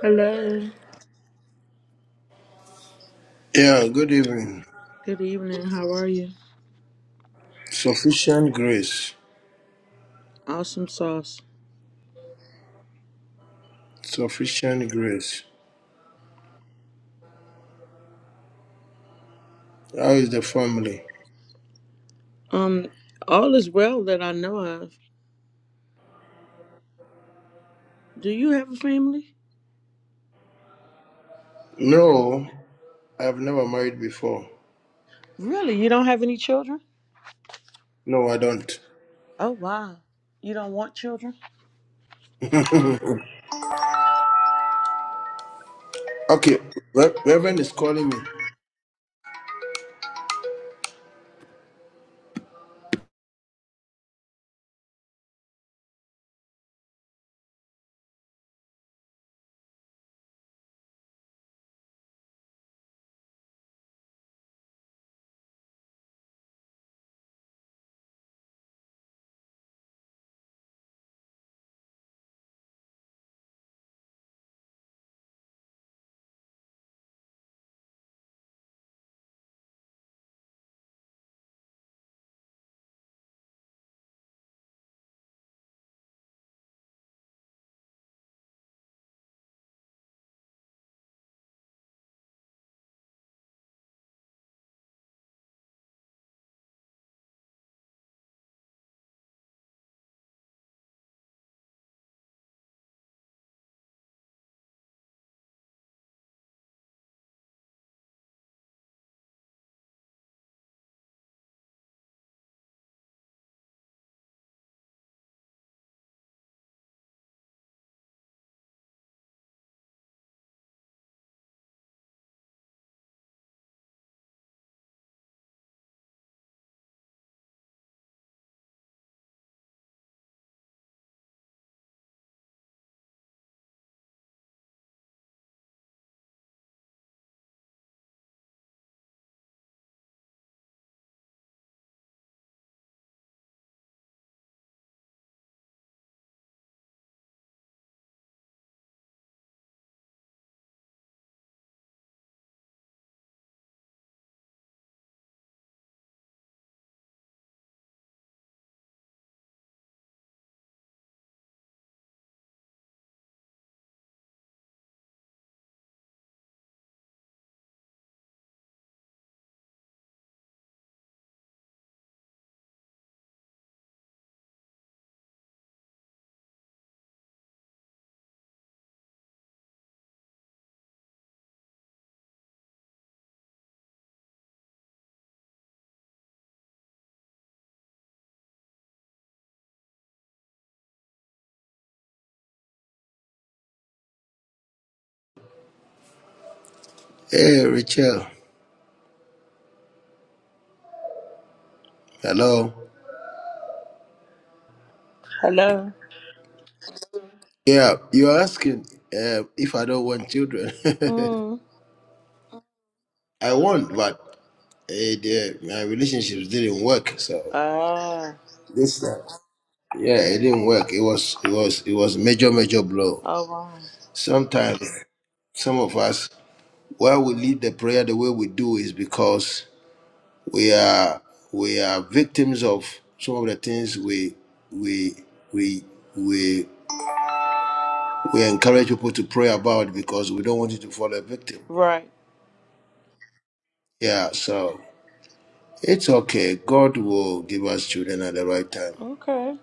Hello. Yeah, good evening. Good evening. How are you? Sufficient grace. Awesome sauce. Sufficient grace. How is the family? Um, all is well that I know of. Do you have a family? No, I've never married before. Really? You don't have any children? No, I don't. Oh wow. You don't want children? okay, Re- Reverend is calling me. Hey, Rachel. Hello. Hello. Yeah, you're asking uh, if I don't want children. Mm. I want, but eh, the, my relationships didn't work. So Ah. this time, yeah, it didn't work. It was, it was, it was major, major blow. Oh wow. Sometimes. Some of us, why we lead the prayer the way we do is because we are we are victims of some of the things we we we we we encourage people to pray about because we don't want you to fall a victim. Right. Yeah, so it's okay. God will give us children at the right time. Okay.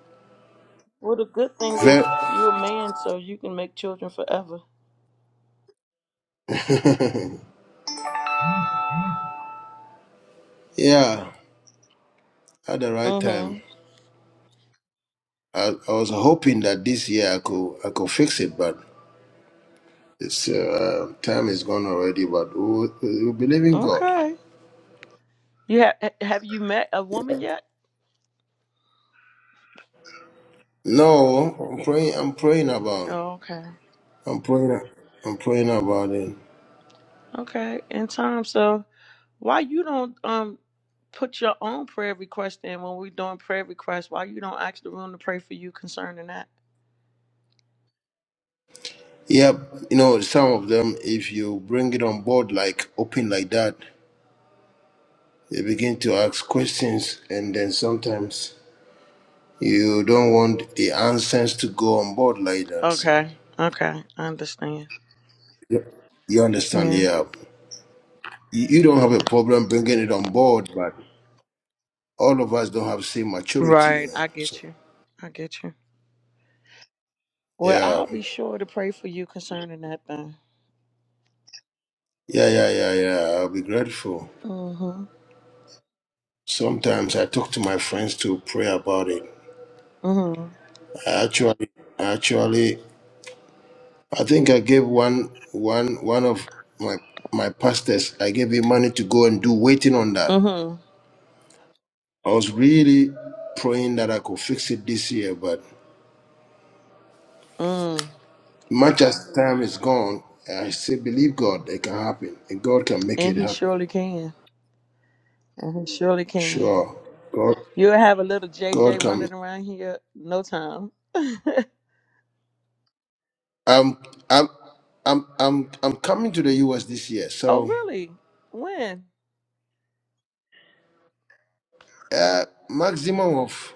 Well, the good thing Very, is you're a man, so you can make children forever. yeah, at the right time. Mm-hmm. I, I was hoping that this year I could I could fix it, but it's uh, time is gone already. But we, we believe in God. Okay. You have have you met a woman yet? No, I'm praying. I'm praying about. Oh, okay. I'm praying. I'm praying about it. Okay. In time, so Why you don't um put your own prayer request in when we're doing prayer requests? Why you don't ask the room to pray for you concerning that? Yep. You know, some of them, if you bring it on board like open like that, they begin to ask questions, and then sometimes you don't want the answers to go on board like that. So Okay, okay, I understand. Yep. you understand? Yeah, Yeah. You you don't have a problem bringing it on board, but all of us don't have same maturity, you right. know. I So get you. I get you. Well, yeah, I'll be sure to pray for you concerning that thing. yeah, yeah, yeah, yeah. I'll be grateful. Mhm. Sometimes I talk to my friends to pray about it. Mhm. I actually, I actually, I think I gave one, one, one of my my pastors. I gave him money to go and do waiting on that. Mhm. I was really praying that I could fix it this year, but Mm. much as time is gone, I still believe God. It can happen, and God can make And it he happen. surely can. And he surely can. Sure, God, You'll have a little God JJ can. running around here no time. I'm, I'm, I'm, I'm, I'm coming to the U.S. this year, oh, so really? When? uh, maximum of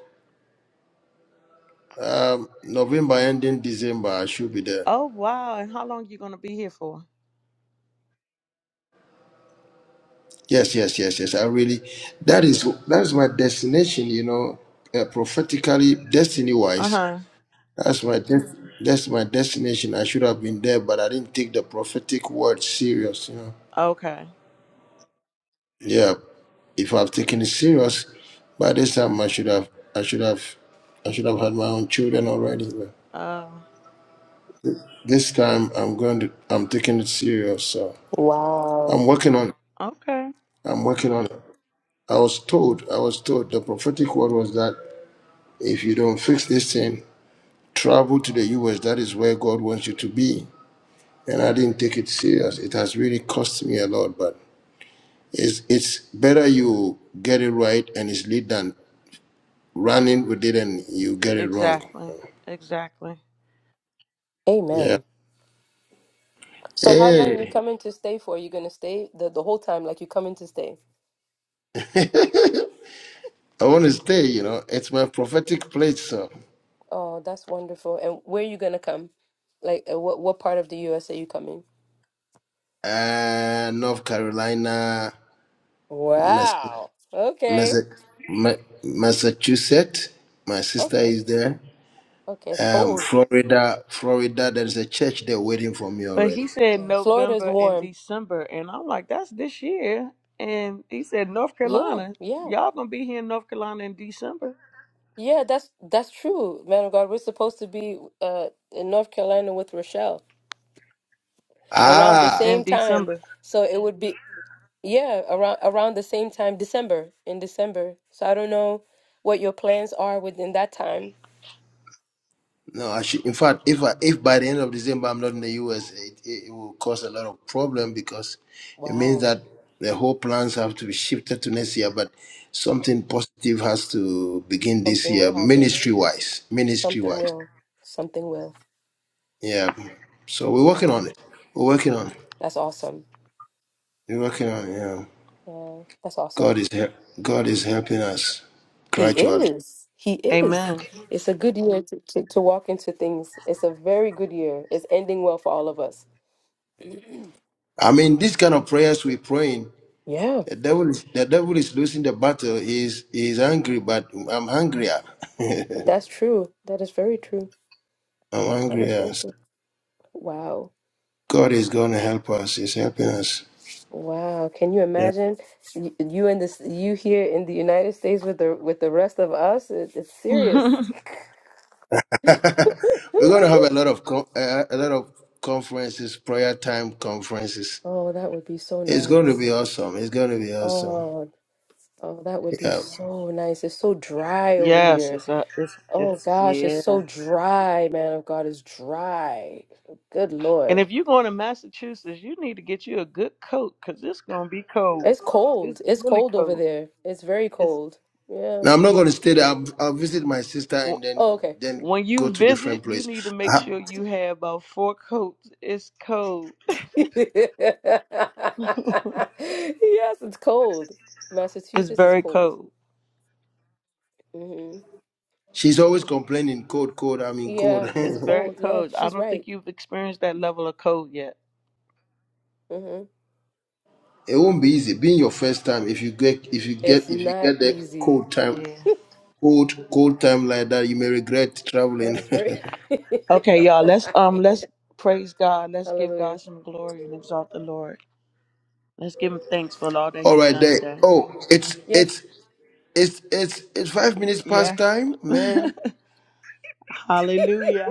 Um, November ending December, I should be there. Oh wow! And how long you gonna be here for? Yes, yes, yes, yes. I really, that is that is my destination. You know, uh, prophetically, destiny Uh wise, huh. that's my des- that's my destination. I should have been there, but I didn't take the prophetic word serious. You know, Okay. yeah. If I've taken it serious, by this time I should have I should have I should have had my own children already. But Uh. this time I'm going to I'm taking it serious. So Wow. I'm working on Okay. I'm working on it. I was told, I was told the prophetic word was that if you don't fix this thing, travel to the US. That is where God wants you to be. And I didn't take it serious. It has really cost me a lot, but it's it's better you get it right and it's lead than running with it and you get it wrong. Exactly. Exactly. Yeah. Amen. So how long you Hey. coming to stay for? You gonna stay the, the whole time, like you coming to stay? I want to stay, you know. It's my prophetic place, so. Oh, that's wonderful. And where you gonna come? Like uh, what what part of the US are you coming? Uh, North Carolina, Wow. Okay. Massa- Ma- Massachusetts. My sister Okay. is there. Okay. It's Um, cold. Florida, Florida. There's a church there waiting for me But he already. said Yeah. Florida is November and warm. December, and I'm like, that's this year. And he said North Yeah, Carolina. yeah. Y'all gonna be here in North Carolina in December. Yeah, that's that's true, man of God. We're supposed to be uh in North Carolina with Rochelle around the Ah, In same time. December. So it would be Yeah, around around the same time, December, in December. So I don't know what your plans are within that time. no. I should, in fact, if I, if by the end of December I'm not in the U.S., it, it, it will cause a lot of problem because it means Wow, that the whole plans have to be shifted to next year. But something positive has to begin this something year, will happen. ministry wise. Ministry Something wise, will. Something will. yeah. So we're Mm, working on it. We're working on it. That's awesome. We're working on it. yeah. Yeah, that's God awesome. is help. God is helping us He gradually. is. He is. Amen. It's a good year to, to, to walk into things. It's a very good year. It's ending well for all of us. I mean, this kind of prayers we're praying, Yeah, the devil is the devil is losing the battle. He's he's angry, but I'm hungrier. I'm that's true. That is very true. That is hungrier. very So true. Wow. God is going to help us. He's helping us. Wow, can you Yeah, imagine you, you in this you here in the United States with the with the rest of us? It, it's serious. we're going to have a lot of co- uh, a lot of conferences, prayer time conferences. Oh, that would be so It's going to nice. be awesome. It's going to be awesome. Oh, oh, that would be Yeah. so nice. It's so dry over yes. here. It's a. It's. Oh It's. gosh, it's Yeah. so dry, man of God, it's dry. Good And Lord. if you're going to Massachusetts, you need to get you a good coat, cause it's gonna be cold. It's It's cold. It's really cold over cold. there. It's very It's cold. Yeah. Now I'm not going to stay there. I'll, I'll visit my sister and then Oh, okay. then When go you to visit, different you place. need to make sure you have about four coats. It's cold. Yes, it's cold. It's Massachusetts is very cold. cold. hmm She's always hmm complaining, cold, cold. I mean, cold. Yeah, it's It's very cold. Yeah, cold. I she's don't right. think you've experienced that level of cold yet. hmm it won't be easy. Being your first time, if you get, if you It's get, if you not get the easy. cold time, Yeah. cold, cold time like that, you may regret That traveling. is very Okay, y'all. Let's um right. let's praise God. Let's give Hallelujah. God some glory and exalt the Lord. Let's give him thanks for all that All he's right, done there. today. Oh, it's Yes. it's it's it's it's five minutes past Yes. time, man. hallelujah.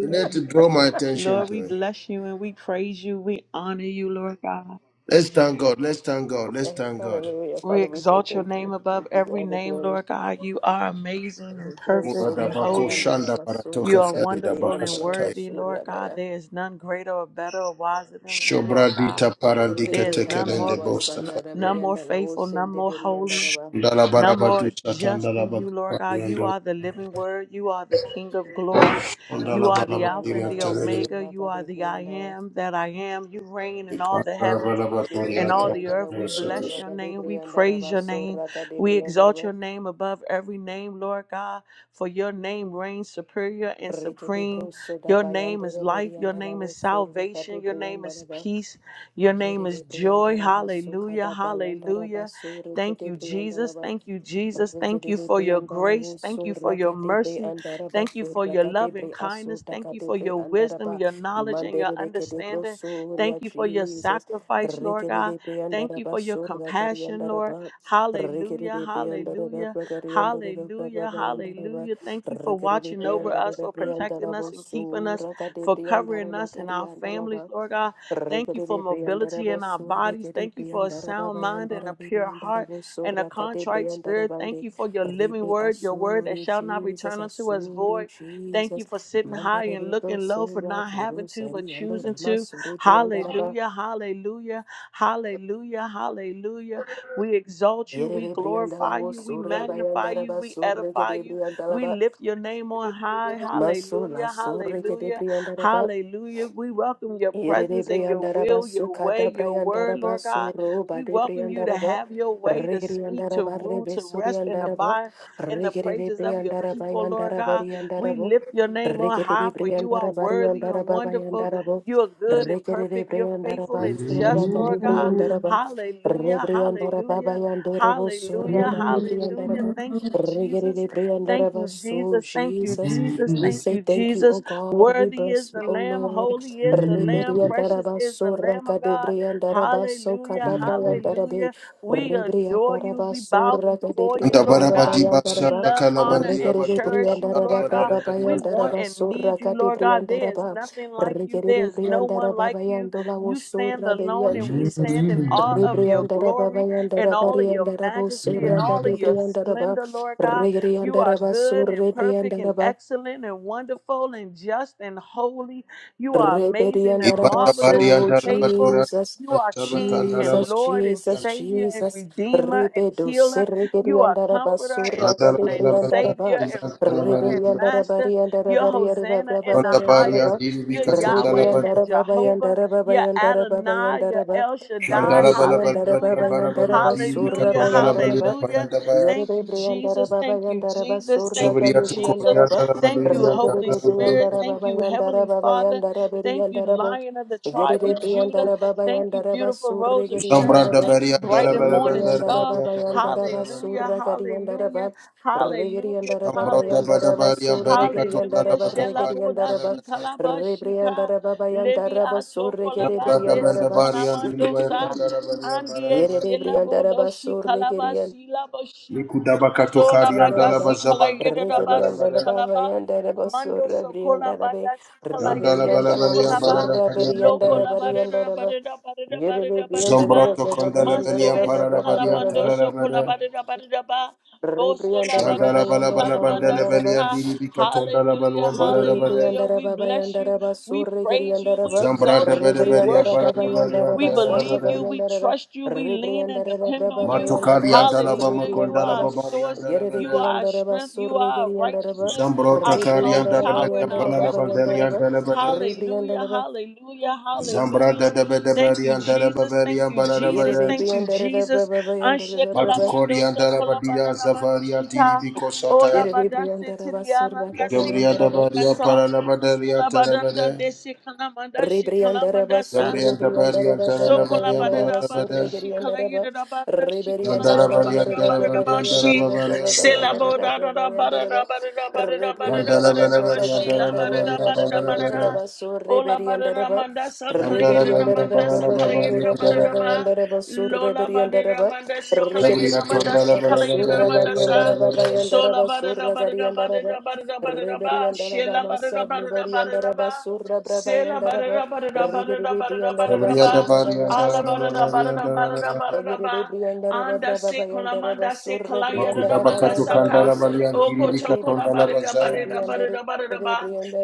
You need to draw my attention Lord, to we it. bless you and we praise you. We honor you, Lord God. Let's thank God. Let's thank God. Let's Eh, thank God. Hallelujah. We Father, we say exalt your thank name you. We above give you every all the name, glory. Lord God. You are amazing and Rebro perfect and soda Muradabako brayan holy. dada shanda You baratoka basura are feli kadebre wonderful and andada dabahasataya. worthy, Lord basura God. There is none greater or better or wiser than you, Lord God. Shobradita parandika There is none Rebrianda la tekelende more, gl- n- basanda bostafa. none more rebrianda la faithful, osen none de more berianda holy. raba. Dala No barabatu more satan, just in you, Ndalabarabatu Lord God. You Satandalabakarianda are the living word. You are the King of glory. You Yere are the Alpha rebrianda and Ndalabalabadiria the raba Terele Omega. sorra ka You are the I rebrianda la. am that I am. You reign in all the heavens Yere Kandalabalabatoria and all the rebrianda la earth. We bless Kandalabatus osorra your ka name. We rebrianda praise raba your name. sorra ka We rebrianda exalt raba. your name above every name, Lord God. For your name reigns superior and Rike de supreme. broso da Your name bayanda is life. Your rebrianda la name is osorra ka salvation. Your name rebrianda is raba. peace. Your name Yere is joy. rebrianda raba soka Hallelujah. da bayanda Hallelujah. raba sorra ka Thank you, rebrianda Jesus. raba. Thank you, Jesus. Thank Regede you for your Briandala grace. was Thank so you for your Rakadebre mercy. and Daraba, Thank you so for your love and Rakadebre Aso kindness. Thank you for Takadebre your and wisdom, Daraba, your knowledge, and your Mandere de Kedebro, understanding. Soria Thank you for your Jesus, sacrifice, Lord Regede God. de Thank you Briandaraba, for your so Rakari and compassion, Lord. Daraba, Regede Hallelujah. de Briandaraba, Hallelujah. Rakari and Daraba, Hallelujah. and Daraba, Hallelujah. Thank you for Rakari de watching over us, Briandara, for protecting Briandarabo, us and keeping so us, for Rakadebre and covering Daraba, us and Kari our and families, Daraba. Lord God. Thank you for Rigidi mobility Briandaraba in our bodies. Surrigidi Thank you for a Briandaraba sound mind and a Bayandara pure heart Biandarabo and a Sura kade, contrite spirit. Thank you for your living Ribe word, your word that Asuri, shall not Jesus, return unto us Asuri, void. Thank you Jesus, for sitting high and Mandere looking low, for Sura, not having to, but Virusari, Andora, choosing to. Masuri, Briandaraba, Hallelujah, hallelujah, hallelujah, hallelujah. We exalt you, we Yere Briandala, glorify you, we Sura, magnify you, Bayandaraba, we Surre, edify Gede you, we Briandalaba, lift your name on high. Masula, Hallelujah, Surre, hallelujah. Gede Hallelujah. We welcome your Yerene presence and your briandara will, basu your way, kada your briandara word, Lord basu God. roba We de welcome you to briandara ba have your way, to speak, regriandara to ba rule, to rest and rebesuriandara ba abide in the regere praises of your briandara ba people, Lord yandara God. We bariandara bo lift your name on regere high, for you are briandara de worthy riandara and ba wonderful. bayandara bo You are good and regere perfect. You're briandara faithful ba and just, Lord God. surra Hallelujah. Rebriandara Baba Hallelujah. Yandorobo Sura Hallelujah. Bari Hallelujah. Briandaraba Thank you, Regere Jesus. Thank Briandaraba you, So Jesus. Thank you, Jesus. Jesus. We Thank say you, thank you, O Jesus. God. We Worthy is bless you, the O Lamb, Lord. holy is the Lamb, precious Rebriandaraba is the Sura Lamb of God. Kadebriandaraba So Hallelujah, Kadabriandarabe hallelujah. We adore you. Rebriandaraba We bow Sura before you, Lord Kadebriandaraba God. Ndabarabadiba We Yandaraba love, honor, Satakalabandia and Regere Batoria cherish you, Briandaraba Lord God. Baba Kalabadarabadia We want Yandaraba and Sura need you, Lord God. There is Kadebriandaraba nothing like you. There Regere is no one Briandaraba like you. Yandola You stand Sura Baby alone, and we Jesus. stand in awe of your glory and all of your majesty and all of your splendor, Lord God. You are good and perfect and Rebriandaraba, excellent and wonderful and just and holy. You are amazing and Ibanda marvelous Baria and Rebediandarabaso, Ndalabatura faithful. Jesus, You are King and Sabatandalabadia Jesus, Lord and Jesus, Savior and Jesus. Redeemer and Rebedo Healer. You are serigediandarabaso, Comforter and, and Shandalabalabada ragadebriandaraba. Savior and Ibanda Ruler Baria and Master. You're Hosanna in the Onda Baria highest. Rebediandarabariandarabariyandarababayandaraba. Diri You're Yahweh and Jehovah. You're Adonai. You're Rebriandarababayandarababayandarababayandaraba. El Shaddai. Andala bala bala bala yam Hallelujah. bara bala wan diri Rebriandarababayandarabaso, bi Hallelujah. katon dala bala yam rabayandaraba. Hallelujah. paranda baya. Thank you, Jesus. Thank you, Jesus. Yerebriandarababayandarabaso, Thank Zobri you, ya tuko Jesus. ya ragadebriandaraba. dala bala Thank yam you, yam tala Holy Regedede bala Spirit. yam. Briandara Thank Baba you, Yandara Heavenly Baba Father. Yandara Thank you, Beriandara Bo. Lion of the tribe Gedede of Judah. Briandara Baba Thank you, Yandara beautiful Basur Rose of Zambra Sharon. Regediandara da Ba. Thank bari you, yam bright dala and bala bala morning dala bala Rebriandara star. yam Baba dala bala Yandara Basur Hallelujah, Regediandara Ba. hallelujah, hallelujah, Regediandara Baba bada Yandara hallelujah. bari yam Basur bari Hallelujah. Regediandara Ba baka pari yam Shelaboda Regediandara dala Ba. bala. shikalaba shika. Rebriandara Baba Yandara Basur Lemiato kolaba Zambra da Regediandara desi Ba. bari yam diri baya kanamandosa. tala dala bala yam Andie Yere bala. de silabo Briandara doshi basur kalaba silabo shi. Liku da baka Sola tokari yam dala bala Yandaraba, badasi zaban to kalayete yam dala rabasi bala. Reberiandaraba, kalaba. Vayandaraba, Mando Sura sokola Briandarabe, badasi kalayete bala Reberiandala, bala shukolaba. Sura bala yam Loko Beriandaraba, bala. labareda Yandaraba, bareda bareda bareda bareda ba. Zombroto Yerebriandaraba, kondele Manso belian esi parara balian kalamando Vayandaraba, tarara sokola bade. bareda bareda ba. Boso Rebriandaraba, Shandara labadishi bala bala kalamanda bandele Vayandaraba, belian seka. diri bika tondala Hallelujah, baluan barara Yerere bade. hallelujah. briandara We baba bless you. yandara ba We surre praise you. geriandara We ba exalt Zambrada you. bede We belian rebriandara worship parara baba you. yandara balian We ba tarara sarra believe you. bade. We geriandara ba trust you. We lean and rebriandara ba depend on baba you. yandara Matokari ba antala surre bama Hallelujah. You briandara kondala are ba our babari source. antala yerere You bade. are our briandara ba strength. You surre are our geriandara ba righteousness, our Zambrota kari strong antala rebriandara ba tower and belian our yandara parara baba resting bandele yandara place. ba antala bade. Hallelujah. rebriandara ba Hallelujah. Hallelujah. Zambrada de bede Thank you, belian antala Jesus. babari Thank you, antala Jesus. yerere bade. Thank you, briandara ba Jesus. baba Anshe yandara ba Matukori kalamando so antala badia kolabaranamande zafari antiri shika. biko Ola sataya. yerere badase briandara ba surra tiriaranda baba si yandara Zabriyanda ba kalamanda bariya sa. paralabadariya Sola badanda tarabada. de si kalamanda shi Ribriandaraba kalamanda sa. Zabriyanda bariya Sokola taralabariya surribriandarabrababayandaraba barada paralabada. bate shikala surribriandaraba yida bata shikola Yandara bariya barada barada tarabariya bashi sela tarabada. boda barada ribriandarabariyarabrababayandarabarabayandaraba barada barada barada barada Yandara barada balabariya bashi la barada taralabariya barada barada paralabada. ribriandarabarababayandarabarabayandaraba ola barada surribriandaraba manda sakala Yandara yida manda sakala yida barada tarabada. ba ribriandarabarababayandarabarabayandaraba lola barada surribriandaraba manda shikala Zabriya yida manda kandala ribriandaraba shikala yida manda sa tarabada. sola surrabariandarababayandaraba barada barada surragariandaraba barada barada barada ba Reberiandaraba shela barada Masad barada barada Boriandaraba ba Surra Sela ba da Brabayandaraba da ba da da ba da da Rigidi ba da da ba da Briandaraba da Zabriya ba. Surra dabariya Baya Ala ba da da ba da taralabariya da ba tarabada. Agiri Briandaraba Anda se kola Brabayandaraba se Surra kola yada Makudaba Briandaraba katu saka. Yandarabosaya Oko kiribika toko la kandala ba da da ba da da Rebriandara,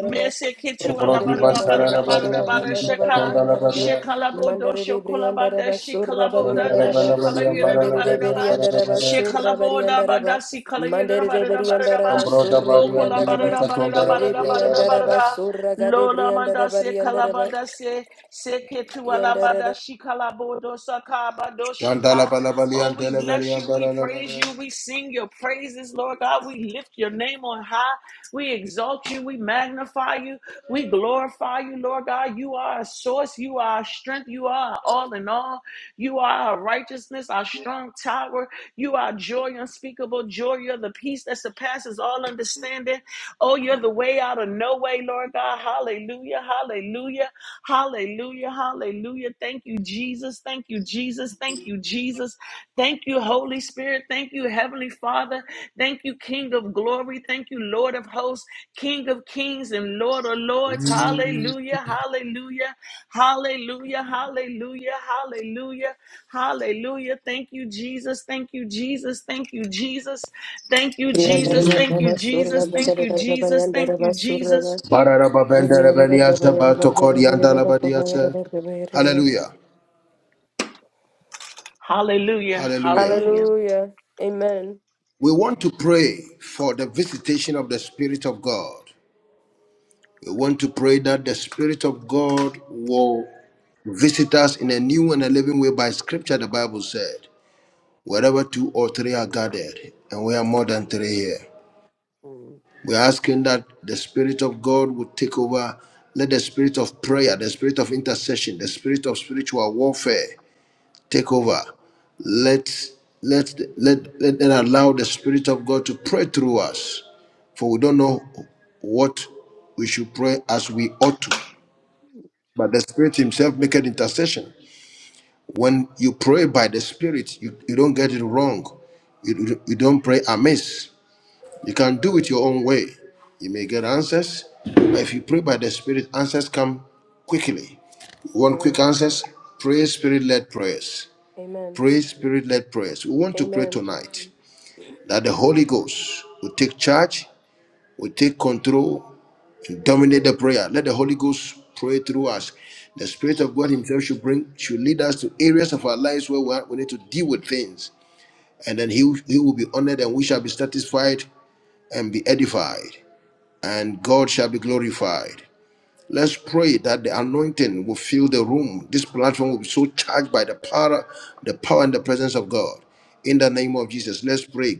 Me se kitu ala Brody ba da da ba Bantara da Rebriandara, da ba Rabaria, DVD Babayandaraba, shaka. Katonda Bayandaraba, Rabaria, Shekalabodo Mandare shokolabada Rebriandaraba, Surra Nanda shikalaboda da Bariandaraba, Rabarabaria, shikalayira Mandare Bararabaria, barada Rebriandaraba, Bararabara, Surra shikalaboda bada Bariandaraba, sikalayira Mandare barada barada Rebriandaraba, ba Sombroda Surra Baria, Okola DVD Rebriandaraba, barada barada Katonda barada Rabaria, barada Barabara, Rebriandaraba, barada Surra Lola manda Gadebriandaraba, se Bariandaraba, kalabada se se ketu alabada Briandaraba, shikalabodo sakabado Chandala shika Balabalia, Oh we bless Delaveria, you we praise you Bararabara, we sing your praises Lord God we lift your name on high we exalt you we magnify you we glorify you, Lord God. You are our source. You are our strength. You are our all in all. You are our righteousness, our strong tower. You are joy unspeakable, joy. You're the peace that surpasses all understanding. Oh, you're the way out of no way, Lord God. Hallelujah. Hallelujah. Hallelujah. Hallelujah. Thank you, Jesus. Thank you, Jesus. Thank you, Jesus. Thank you, Holy Spirit. Thank you, Heavenly Father. Thank you, King of glory. Thank you, Lord of hosts, King of kings, and Lord of lords. Hallelujah, hallelujah, hallelujah, hallelujah, hallelujah, hallelujah. Thank you, Jesus. Thank you, Jesus. Thank you, Jesus. Thank you, Jesus. Thank you, Briandaraba, Jesus. Surra Thank you, Bagaraba, Jesus. Thank Bayandaraba, you, Jesus. Surra. Bararababenda Rabaria, Rebriandaraba, Sabato Corianda Bayandaraba, Rabaria. Bayandaraba, Bayandaraba, Hallelujah. Hallelujah, Hallelujah. hallelujah. Hallelujah. Amen. We want to pray for the visitation of the Spirit of God. We want to pray that the Spirit of God will visit us in a new and a living way by Scripture. The Bible said, wherever two or three are gathered, and we are more than three here. Mm. We're asking that the Spirit of God would take over. Let the Spirit of prayer, the Spirit of intercession, the Spirit of spiritual warfare take over. Let let let let, let allow the Spirit of God to pray through us, for we don't know what we should pray as we ought to. But the Spirit Himself make an intercession. When you pray by the Spirit, you, you don't get it wrong. You, you you don't pray amiss. You can do it your own way. You may get answers, but if you pray by the Spirit, answers come quickly. You want quick Mm. answers? Pray Spirit led prayers. Amen. Pray Spirit led prayers. We want to pray Amen. tonight that the Holy Ghost will take charge, will take control, Dominate the prayer. Let the Holy Ghost pray through us. The Spirit of God Himself should bring, should lead us to areas of our lives where we, are- we need to deal with things, and then He will- He will be honored, and we shall be satisfied and be edified, and God shall be glorified. Let's pray that the anointing will fill the room. This platform will be so charged by the power, the power and the presence of God. In the name of Jesus, let's pray.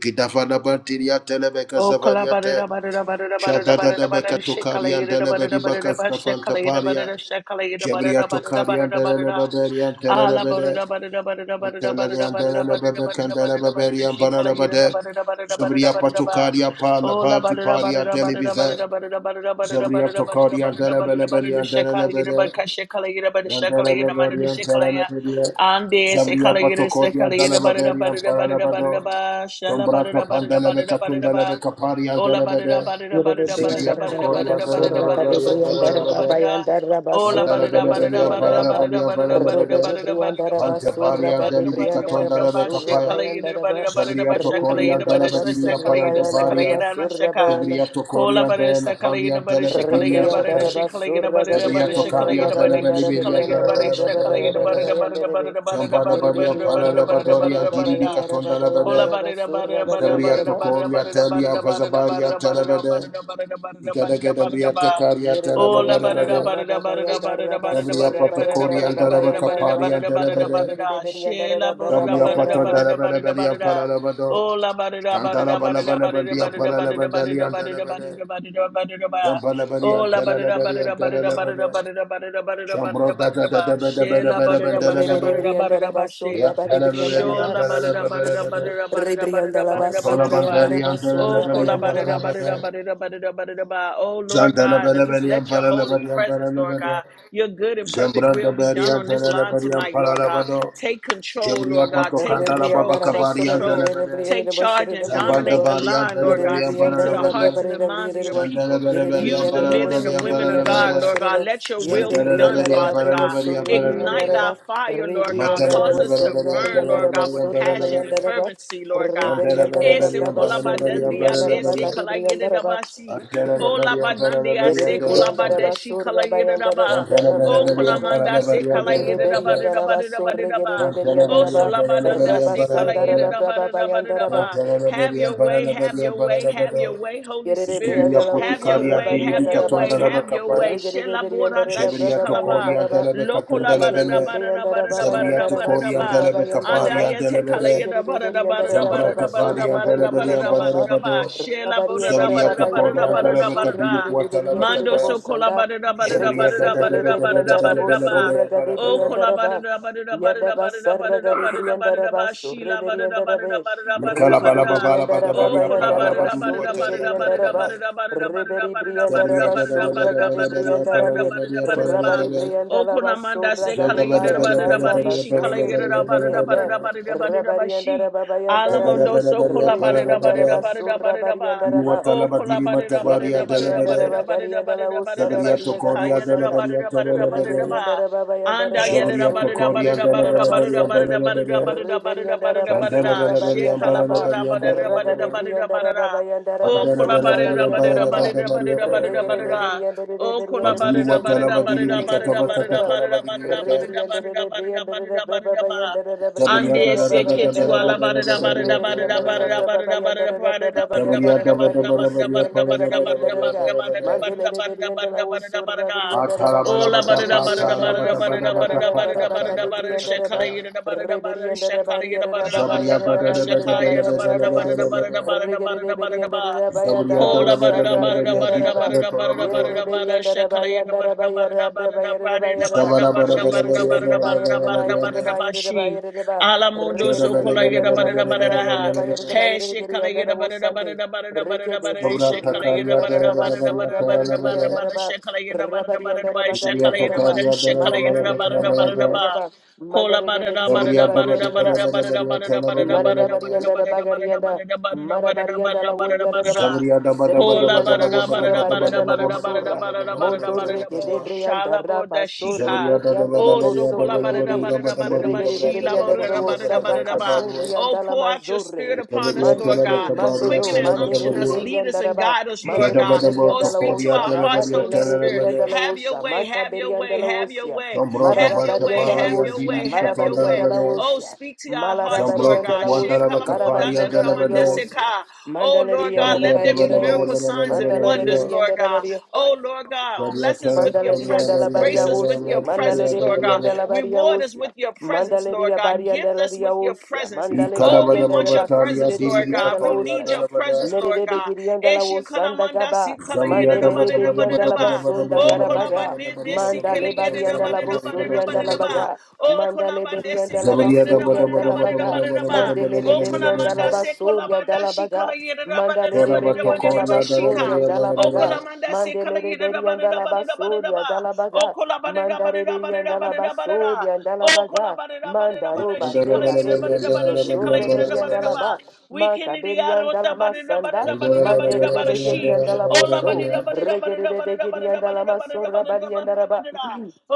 Oh, kalabada bada bada bada bada Shadadadabeka bada tokarian shakalayada bada delebedi bada bakas bada kafanta shakalayada paria. bada shakalayada bada Jebria bada tokarian bada bada delebeberian ala delebede. bada bada bada bada bada bada Antelerian bada bada delebebeken bada bada bada delebeberian shakalayada bananabade. bada bada bada Zobria bada patokaria pa la oh la bati bada paria bada bada delivize. bada bada bada bada bada Zobria bada tokarian bada bada bada bada delebeberian shakalayada delebede. bada shakalayada bada shakalayada bada Yandelebeberian delebede. Ande se Zabria kalayira se patokorian kalayira barada delebeberian barada barada barada bananabado. ba shala Sombraka barada barada pandelebe barada barada katundelebe ba kaparia ola delebede. barada barada barada Zibia barada barada tokoria barada Rebriandarabasura barada barada delebede barada barada delebede. barada ola barada Chandelebelebele barada barada ampalelebele barada barada barada ampalelebede. barada barada Bante barada paria barada delibi barada barada barada ba katundelebe she kapaya. kalayira barada barada Zebria ba sha tokoria kalayira barada sha delebediri se ampayande kalayira se paria. kalayira na shaka Zebria kola tokoria de la butter, pania Sakalina butter, delebediria Shikalina butter, Rebrianda tepe. raba Shikalina surra butter, the gari Zebria butter, brianda tokaria raba Shikalina butter, bayanda raba delebelibiria brianda Shikalina butter, raba delebelebe raba Shakalina bayanda raba delebede. butter, the butter, bayanda the butter, raba. the butter, Yeri the Chambalabaria butter, the butter, rebrianda the raba butter, the butter, the raba butter, palalabadoria the raba butter, the diribi bayanda raba bayanda Kola katundelebede. raba butter, the butter, surra the butter, bayanda Zebriya the raba. butter, the tokoria butter, the butter, telia the butter, the butter, vazabaria the butter, the butter, telebede. the butter, the butter, the butter, the butter, the Gedegede butter, the briata butter. caria Yeri Oh, la rebrianda ba da da raba telebede. ba da da raba ba da da ba da da ba da da ba Zebriya da da ba da da patokoria ba da telebe da ba da da ba caparia da da ba da da ba da da ba da telebede. da. She la ba da da Zebriya ba da da paton ba da da ba telebede da da ba belia da da. paralabado. Oh, la ba da da ba da Shantala da ba da da balabale ba da da bandia ba da da ba da da ba da da paralabandalia ba da da ba da telebede. da ba da da ba da da ba. Zampalabaria Oh, la ba da da ba da teleberia da and ba da da ba da da telebede. ba da da ba da da ba da da ba da da Shambro ba da da da da da ba. da da da She da la ba da da da da ba da da da da ba da da. da ba da da ba she. Ya teleberia Shola barada barada telebede. barada barada Rebrianda barada raba barada Antola barada brianda ba. bandaria raba Oh, telebede kola bayanda barada raba. barada paralabade. barada barada barada ba. Oh, Lord Zandala God, bala that bala just yam let your para la holy bala yam para presence, la Lord bala. God, your good and perfect will Zambranda be bala done on this para la line bala tonight, para Lord la God. bala. Take control, Jamriya Lord Rebriandaraba, God. pato Take kandala control. baba Take kabari yam para control. la bala. Take charge and Zambanda dominate the bala yam line, para la Lord bala God. yam Speak para to la the hearts bala. and the minds of your Zandala people. bala bala yam Use the para la men and bala the yam women para of la God, bala. Lord God. Let your will be Zantala bala done, bala yam Father para God. la bala para la Ignite bala. our fire, Lord God. Matala Cause bala us bala to bala burn, para la Lord bala God, with para la passion and bala. fervency, Lord God. Zantala bala bala Ese para la bala para kolabadandia la dese bala. kalayedabasi. Antala bala yam para la Olabadandia bala Yerere se para la briandara bala. kolabadeshi basura bayandara da kalayedaba. Zambria brava O bayandara ba. konamanda se Regere kalayedaba. beriandara basura regere Oh, beriandara ba. Solabadanda Sekala Rabasandara Yeda da da ba brava da da ba da da bayandara ba. Have your way, have your way, have your way, Holy Yerere Spirit. brianda la wo Have your surra way, have barianda your way, rabaze. have your way. Regere Shela brianda Borata Jabria rababa bayanda Shikalaba. raba. Loko la ba da da Regere ba da da brianda ba da da rababa ba da yanda da ba raba da da ba. surra bayanda Anda raba. ya kala yeda Regere da ba da da ba brianda da da ba da rababa da ba da da surra ba da gare da ba da da brianda ba da raba. da ba. Shela bo Rabarianda ba da to da rababa ba da yanda da Korea, ba raba da da ba Dalabata, da surra Duru, da. gare Quatalaba, brianda de Mando de Capaya, so kola bosanda. ba da da ba da da ba Jabria, da da da da Rekesende ba da da le da da ba da da da da da da da brianda ba da rabo da da da ba. surra da da da gare da Oh, da. brianda kola bada raba. da bada da bada da Yadaba bada da sarra bada da gare bada da brianda bada da raba ba surre shila bada da brianda bada rabe. da bada da bada da Mikala bada Rekede bala da. bala bada beriandaraba Oh, baria kola pala la bada bayandaraba da baduru bada da surri bada wataria da dala bada da geriandaraba. bada bada da bada da Reberi bada da bada da zabria briandaraba bada dada da surra bada dada da gade bada bada baria bada pala da la briandarabe. bada da bada da bada da baria bada da pala la ba. Rabari bada Oh, briandalaba kola manda surra se kala zoga gade yida bada da bada bada da bada bada bayandaraba baria shi pala kala la surri yida da baria bedi bada pala da la bada briandar. bada da bada da bada da ba Rabari shi. andaraba zaga bada bayandarabe. Alamondo bada so baria kola pala bada Reberi la da bada bada da andaraba bada da surra bada da ba. duru bariandaraba. Oh, watala kola badiri bada da bada matabaria da bada dala da bada da bada bada da bada da bada da ba zabria shi tokoria kaya da dala da Yeredebriandarabakariandalausarabariagalawusanda. bada baria da bada tala da la bada bada da ba. Anda yada zabria bada bada tokoria bada dala bada bada bada bada baria Reberiandarababaiandarabasurigeririandarabasandi. pala bada la bada bada bada bada bada bada bada. Shandala bala She baria color pala la Reberiandarabasurabariandalaba. bada baria bada pala bada la bada bada bada bada bada. Oh Andala color bala bada baria bada pala la Ragadebriandarababaiandarabasurabariandaraba. bada bada baria bada pala bada la bada bada. Oh color bada Bakuru bada watalabadiri bada bada mikataba Regeredebriandarereberiandarereberiandarereberiandarereberiandareba. katakalabadiri yata. bada bada bada. And Sabriyata da da she ba da catch you ba da Rebriandarerebriandarerebrababayandarerebriandarerebrababayandareba. ba da allada ba bada bada Reberi bada bada under da the bada bada Brababa under bada. Bada the bada Brababa bada ba bada under riyata bada da da ba da. Sabriyata the ba da ba bada bada da Gadibo ba City riya bada pa under da the da ba Rabbi da ba under the riya da Raga. da ba da. Mandele bada Reberi and the bada bada bada Lawso Rabri bada. and the Atala Rabba. ba Oh, da ba la ba ta da da pa ba Rebri da and da ta the la ba da ba Rabba da da ba ba Sur da da da ba ba da ta Rabbi da and ba pa the ta Rabba ka da da ba da da la ba ba da Cadibri da da and ba the ta ta shakala Rabba. ya. yada da ba da da ba Reberi da da shakala yada ba da da ba da da Sabriyata ba da da da da ba da ba da shakaya da ba ba da da da ba ba da da da ba ba da da da ba. ba da da ba da da ba da da ba. da Kola ba ba da da da ba da ba ba da da riya ba da di da ba ba da da da pa ba da ba da da. ba da da ba da shakala yada ba da da ba da da ba da da ba da da ba da Sabara ba da da ba da ba da ba da riya ba da ba da da ba da ba da ba da da da ba ba da da riya ba da da ba. ba she. Rebriandarabasurabayandarabayarabarabayarabarabayaraba. Alamundo Shada so ba Regede da kola ba da brianda yada ba da ba da ba da da da bayere ba ba da da da da bayere ba ha. da da ba bayere da. da Hey, bayere shit, geri color yanda you da the bo butter, the butter, Sunday. the butter, the butter, the Rekede butter, the boso shit, Sabrata color you da karya butter, reberianda dara da da bara butter, da baso bara butter, dara ragari da bara butter, the butter, the bara. brianda da butter, ba shit, color you the butter, the butter, the rabarianda da butter, shit, bagari color Sabriyata yanda you da the ba butter, karya shit, dara color you the bara bara marabagari butter, bara yanda the da bara butter, the bariere bara. da butter. ba Cola mandare de butter, the beriere butter, da the Sabriyata bara butter, the butter, bara bara bariere the butter, the butter, the bara butter, the dara butter, bara the butter, bara bara. the Marabarianda butter, the butter, the Bagarianda, butter, the butter, the butter, the butter, the butter, Marabarianda la the butter, the Wodiada, butter. Sabriyata bara Kola bara Seregerianda bara la bara da bara bara Wosura da bara bara bara bara da Barianda la bara da Vosura, bara bara bara bara bara bara bara Mondoreke de bo bara. Brianda shala bo Raba da Sore de Sabriyata Brianda bara bara la Oh, so bara bara bara Voso kola bara bara bara bara da Rebede, bara bara bara ba Rebede bara bara bara de shi la Brianda bara la da Wosara bara. ba. Oh, Casurianda la pour out your Sabriyata spirit Mazore, upon bara us, Lord bara Mandeke, God. Quicken Mandodo, and bara bara bara unction Mandere, us, bara. lead us Berianda and Raba, guide us, Lord Yada Mandere de God. bara bara Oh, Berianda la speak to karya Wosa, our dara hearts, Racate la Holy bara Spirit. bara Rebrianda bara. la Have your Wosa, way, Maca have your Berianda way, la have your Wosia, way, Jambro da have your bancha way, Marabarianda la pahari have and your diri Wosia, way, bika have your tonda la Marabarianda way. la bade. Oh, Wosia. speak to our hearts, Malarabari Jambro Lord and tu God. kuanda la Delavosio, baka Shekala bo da pahari Marabari da and and da da la man de bade. Delariavosia, Oh, Lord Mandalari and God, let Jabriya da there there be bade bade miracle bade Delabariavosia, bade signs, and bade wonders, Mandalari and bade. Lord God. Delabaria, Oh, Lord God, bless us Jabriya with ta your la Mandalari bade and presence. la bade Grace us la with Delabariavosia, bade la bade your la bade presence, la bade Lord la Mandalari God. and bade. Reward us with Delabariavosia, your presence, Mandalari Lord God. Abari and Gift us with your Delariavosia, presence. Mandale Ika da Oh, Bari we bade and want baba your Delabaco, tali and presence, Sirebe diri Lord bika and God. We toli and need Delavosia, your la presence, bade. Lord Meredebe God. and Delavosanda Eshikalamanda Gaba, Jabriya da Mandele bade Beri bade and bade bade bade sikalayidabadirabadiradaba. Delabasunda Oh, bade bade Garabaga, bade bade bade bade bade bade Mandale bade bade Bari and bade bade Delabosuri and bade kolabadidesikalayidabadirabadiradabadiradaba. bade. Delabaga. Oh, Mandale berianda la Jabriya da basoria bade and bade bade la baga. bade bade kolabadesikalajidabadiradabadiradabadiradaba. bade Mandele bade de bade Oh, bade berianda la kolamanda basoria da la baga. Mandale de berianda la Gorabatokoria Shika. basoria and Dalabaria la baga. Balabada, Okolamanda se kala Mandele de yida da ba da berianda da la ba da da ba da da basoria da ba. la baga. Okola ba da da ba da Mandare da ba da da berianda ba la da da ba da da. basoria and la Okola baga. ba da da ba da da ba da Mandaroba she kala sera yida ba da Ikandalabalabadian da ba da bekerido she kala Dalabaria sorre yida da ba da berianda da Balabada, la ba. ba. We can Manca in the air with berianda the la ba da da ba da masanda. da ba da da ba da da Mandere de ba da Andalabalabadian she. begerianda la Ola ba da boso. Dalabaria, da ba da da ba da Regere da de ba da da ba da begerianda la da ba da da ba masorra da da ba da barianda la da ba da da ba ba. da da.